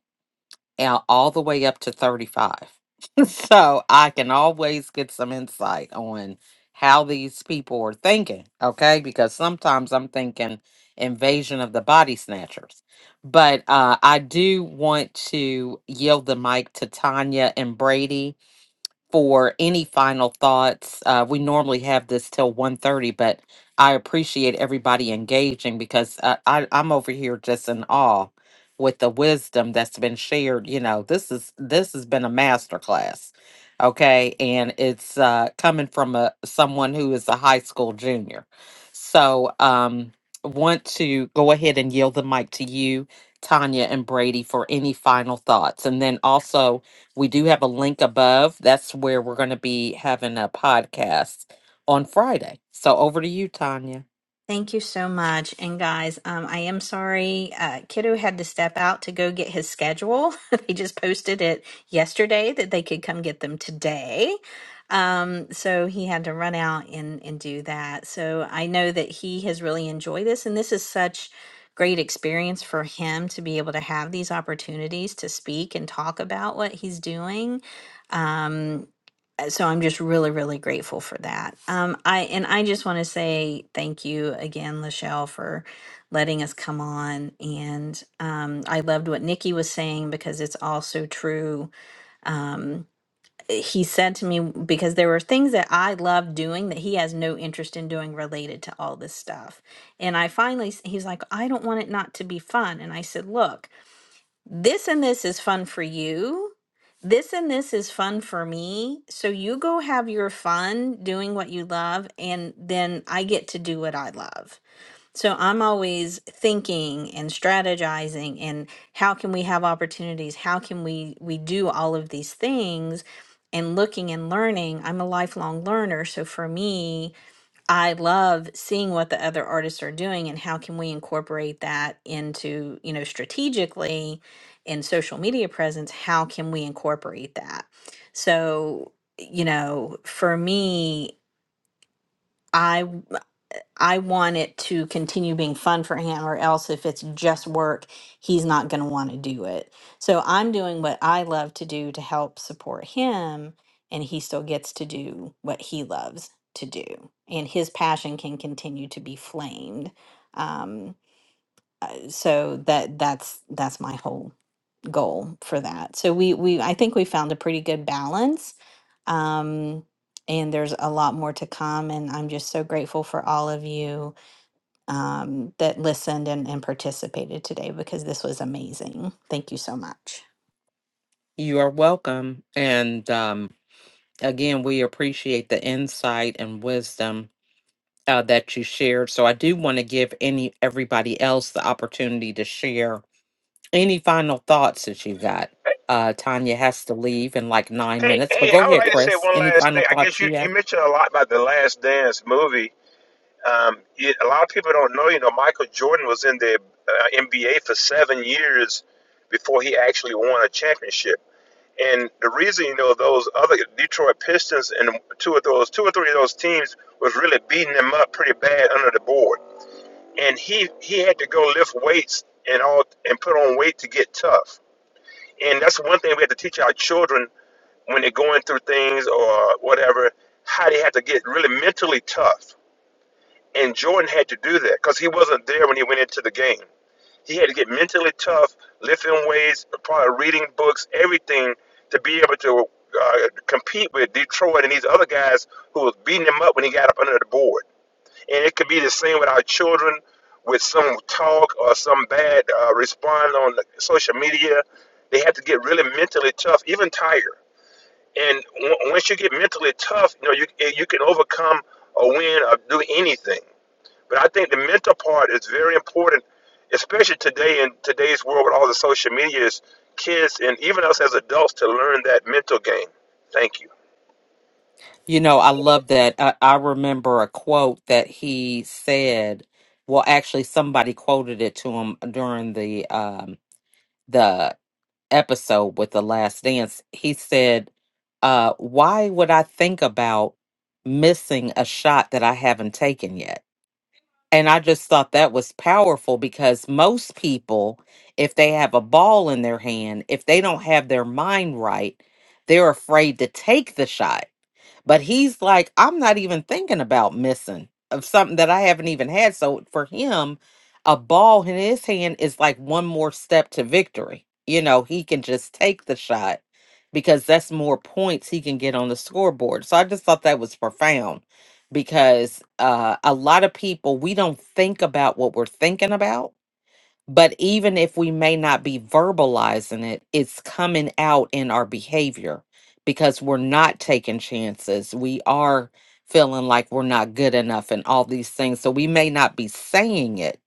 out all the way up to 35. so I can always get some insight on how these people are thinking, okay? Because sometimes I'm thinking invasion of the body snatchers. But uh, I do want to yield the mic to Tanya and Brady for any final thoughts. Uh, we normally have this till one thirty, but I appreciate everybody engaging because uh, I, I'm over here just in awe with the wisdom that's been shared. You know, this is this has been a masterclass, okay, and it's uh, coming from a someone who is a high school junior. So, um, want to go ahead and yield the mic to you, Tanya and Brady, for any final thoughts, and then also we do have a link above. That's where we're going to be having a podcast on Friday. So over to you, Tanya.
Thank you so much. And guys, um, I am sorry. Uh, Kiddo had to step out to go get his schedule. they just posted it yesterday that they could come get them today. Um, so he had to run out and, and do that. So I know that he has really enjoyed this. And this is such great experience for him to be able to have these opportunities to speak and talk about what he's doing. Um, uh, so I'm just really, really grateful for that. Um, I and I just want to say thank you again, Lachelle, for letting us come on. And um, I loved what Nikki was saying because it's also true. Um, he said to me because there were things that I love doing that he has no interest in doing related to all this stuff. And I finally, s- he's like, I don't want it not to be fun. And I said, Look, this and this is fun for you. This and this is fun for me. So you go have your fun doing what you love, and then I get to do what I love. So I'm always thinking and strategizing and how can we have opportunities? How can we we do all of these things? And looking and learning. I'm a lifelong learner, so for me, I love seeing what the other artists are doing and how can we incorporate that into, you know, strategically in social media presence, how can we incorporate that? So, you know, for me, I I want it to continue being fun for him, or else if it's just work, he's not going to want to do it. So I'm doing what I love to do to help support him, and he still gets to do what he loves to do. And his passion can continue to be flamed. Um, uh, so that that's that's my whole goal for that. So we we I think we found a pretty good balance. Um, and there's a lot more to come, and I'm just so grateful for all of you um, that listened and, and participated today because this was amazing. Thank you so much.
You are welcome. And um, again, we appreciate the insight and wisdom uh, that you shared. So I do want to give any everybody else the opportunity to share any final thoughts that you've got. Uh, Tanya has to leave in like nine
Hey,
minutes, but
hey,
go
I would
ahead,
like to say
Chris.
one
Any
last
final
thing. I guess
thoughts
you,
you have?
you mentioned a lot about the Last Dance movie. Um, it, a lot of people don't know, you know, Michael Jordan was in the uh, NBA for seven years before he actually won a championship. And the reason, you know, those other Detroit Pistons and two of those, two or three of those teams was really beating them up pretty bad under the board. And he he had to go lift weights and all and put on weight to get tough. And that's one thing we have to teach our children when they're going through things or whatever, how they have to get really mentally tough. And Jordan had to do that because he wasn't there when he went into the game. He had to get mentally tough, lifting weights, probably reading books, everything to be able to uh, compete with Detroit and these other guys who was beating him up when he got up under the board. And it could be the same with our children, with some talk or some bad uh, response on the social media. They have to get really mentally tough, even tired. And w- once you get mentally tough, you know you you can overcome or win or do anything. But I think the mental part is very important, especially today in today's world with all the social media is kids and even us as adults to learn that mental game. Thank you.
You know, I love that. I, I remember a quote that he said. Well, actually, somebody quoted it to him during the um, the episode with the Last Dance. He said, uh, "Why would I think about missing a shot that I haven't taken yet?" And I just thought that was powerful because most people, if they have a ball in their hand, if they don't have their mind right, they're afraid to take the shot but he's like, I'm not even thinking about missing of something that I haven't even had. So for him, a ball in his hand is like one more step to victory. You know, he can just take the shot because that's more points he can get on the scoreboard. So I just thought that was profound because uh, a lot of people, we don't think about what we're thinking about but even if we may not be verbalizing it, it's coming out in our behavior because we're not taking chances. We are feeling like we're not good enough and all these things. So we may not be saying it,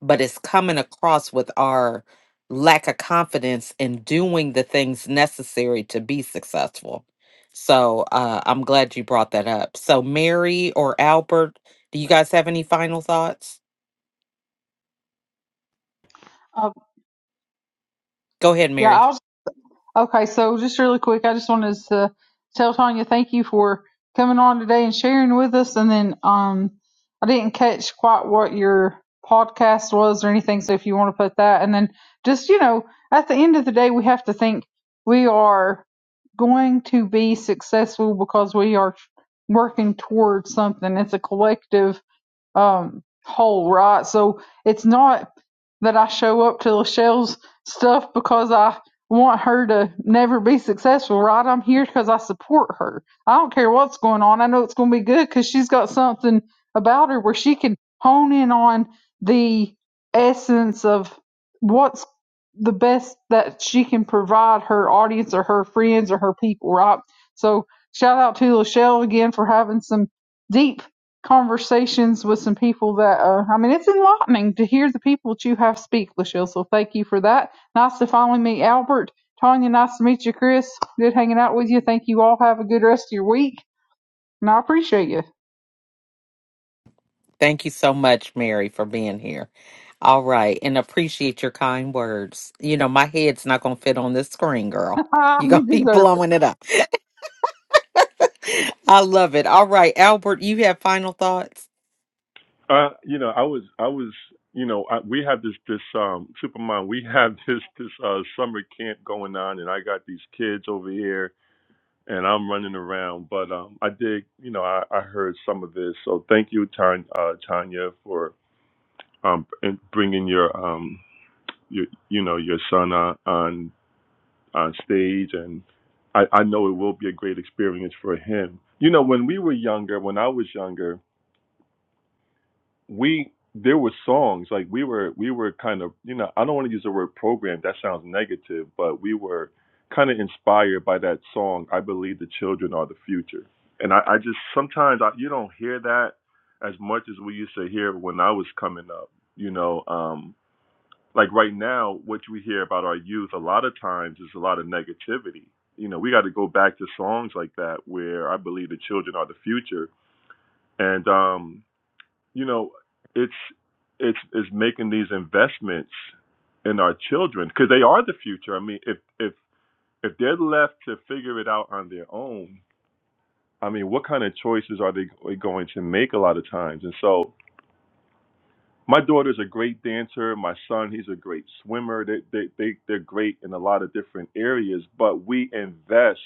but it's coming across with our lack of confidence in doing the things necessary to be successful. So uh, I'm glad you brought that up. So, Mary or Albert, do you guys have any final thoughts?
Uh,
Go ahead,
yeah, I
Mary.
was Okay, so just really quick, I just wanted to tell Tanya thank you for coming on today and sharing with us. And then um, I didn't catch quite what your podcast was or anything, so if you want to put that. And then just, you know, at the end of the day, we have to think we are going to be successful because we are working towards something. It's a collective um, hole, right? So it's not that I show up to Lachelle's stuff because I want her to never be successful, right? I'm here because I support her. I don't care what's going on. I know it's going to be good because she's got something about her where she can hone in on the essence of what's the best that she can provide her audience or her friends or her people, right? So shout out to Lachelle again for having some deep conversations with some people that uh, I mean, it's enlightening to hear the people that you have speak, Lachelle. So thank you for that. Nice to finally meet Albert. Tanya, nice to meet you, Chris. Good hanging out with you. Thank you all. Have a good rest of your week. And I appreciate you.
Thank you so much, Mary, for being here. All right, and appreciate your kind words. You know, my head's not going to fit on this screen, girl. You're
you
going to be
deserve it.
blowing it up. I love it. All right, Albert, you have final thoughts?
Uh, you know, I was, I was, you know, I, we have this, this, um, Superman, we have this, this, uh, summer camp going on and I got these kids over here and I'm running around, but, um, I did, you know, I, I heard some of this. So thank you, Tanya, uh, Tanya for um, and bringing your um, your you know your son on on, on stage, and I, I know it will be a great experience for him. You know, when we were younger, when I was younger, we there were songs like we were we were kind of you know I don't want to use the word program that sounds negative, but we were kind of inspired by that song. I believe the children are the future, and I, I just sometimes I, you don't hear that as much as we used to hear when I was coming up. You know, um, like right now, what we hear about our youth a lot of times is a lot of negativity. You know, we got to go back to songs like that where I believe the children are the future, and um, you know, it's it's it's making these investments in our children because they are the future. I mean, if if if they're left to figure it out on their own, I mean, what kind of choices are they going to make a lot of times? And so My daughter's a great dancer. My son, he's a great swimmer. They, they, they, they're great in a lot of different areas, but we invest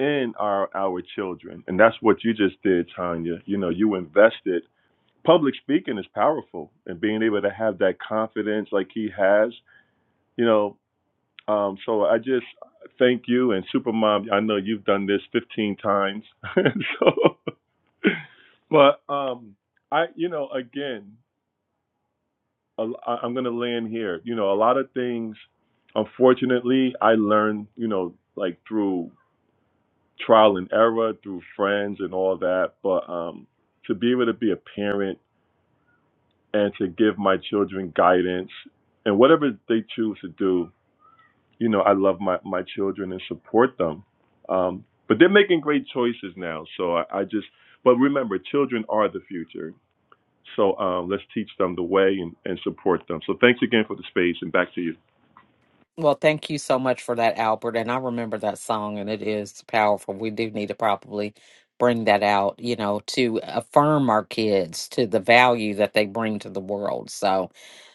in our, our children. And that's what you just did, Tanya. You know, you invested. Public speaking is powerful and being able to have that confidence like he has, you know. Um, so I just thank you and Supermom. I know you've done this 15 times. so, but um, I, you know, again, i I- I'm going to land here. You know, a lot of things, unfortunately, I learned, you know, like through trial and error, through friends and all that. But um, to be able to be a parent and to give my children guidance and whatever they choose to do, you know, I love my, my children and support them. Um, but they're making great choices now. So I, I just, but remember, children are the future. So um, let's teach them the way and, and support them. So thanks again for the space and back to you.
Well, thank you so much for that, Albert. And I remember that song, and it is powerful. We do need to probably bring that out, you know, to affirm our kids to the value that they bring to the world. So,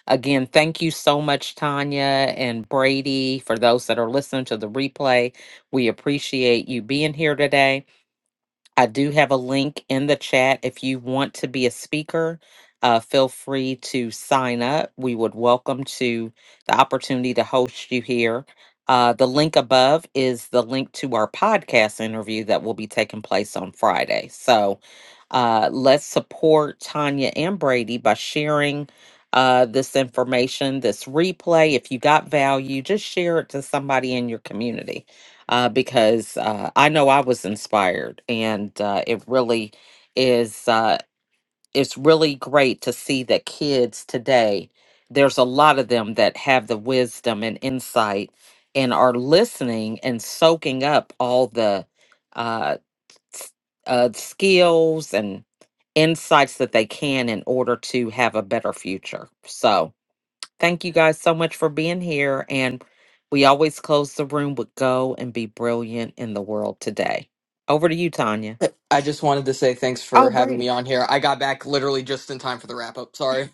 again, thank you so much, Tanya and Brady. For those that are listening to the replay, we appreciate you being here today. I do have a link in the chat. If you want to be a speaker, uh, feel free to sign up. We would welcome to the opportunity to host you here. Uh, the link above is the link to our podcast interview that will be taking place on Friday. So uh, let's support Tanya and Brady by sharing uh, this information, this replay. If you got value, just share it to somebody in your community uh, because uh, I know I was inspired, and uh, it really is. Uh, it's really great to see that kids today. There's a lot of them that have the wisdom and insight, and are listening and soaking up all the uh, s- uh, skills and insights that they can in order to have a better future. So Thank you guys so much for being here. And we always close the room with go and be brilliant in the world today. Over to you, Tanya.
I just wanted to say thanks
Oh,
for having
Brady.
me on here. I got back literally just in time for the wrap up. Sorry.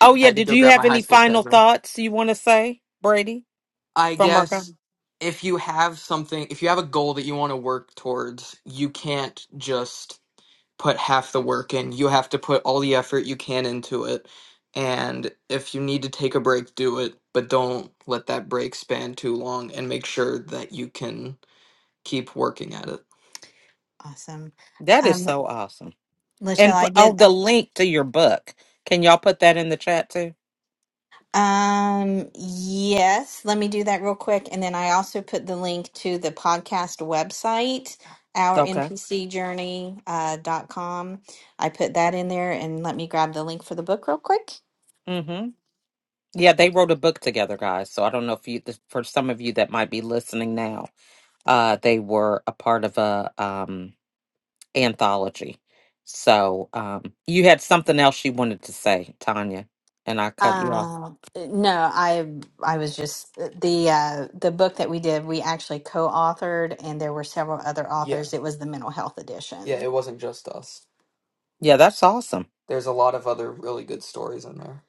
Oh,
I
yeah.
had to
Did
go
you
grab
have
my high
any
school
final
schedule.
thoughts you want to say, Brady,
I
from Marco?
guess if you have something, if you have a goal that you want to work towards, you can't just put half the work in. You have to put all the effort you can into it. And if you need to take a break, do it, but don't let that break span too long and make sure that you can keep working at it. Awesome.
That is
Um,
so awesome.
Lachelle,
And p-
I
oh,
did.
the link to your book. Can y'all put that in the chat too?
Um, yes, let me do that real quick. And then I also put the link to the podcast website,
Okay.
ournpcjourney.com. Uh, dot com. I put that in there and let me grab the link for the book real quick.
Yeah, they wrote a book together, guys. So I don't know if you, this- for some of you that might be listening now, uh, they were a part of a um, anthology. So um, you had something else you wanted to say, Tanya, and I cut you off.
Uh, no, I I was just the uh, the book that we did. We actually co-authored, and there were several other Yeah. authors. It was the mental health Yeah, edition. it wasn't just us.
Yeah, that's awesome.
There's a lot of other really good stories in there.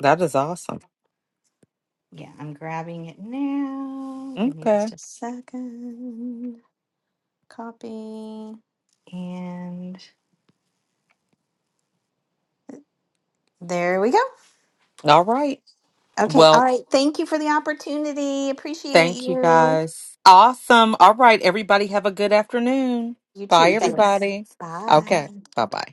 That is awesome.
Yeah, I'm grabbing it now. Give me
Okay.
just a second. Copy. And there we go.
All right.
Okay. All
Well,
right. Thank you for the opportunity. Appreciate
thank you
you.
guys. Awesome. All right. Everybody have a good afternoon.
You too.
Bye,
You too. Thanks.
everybody. Okay.
Bye.
Bye bye.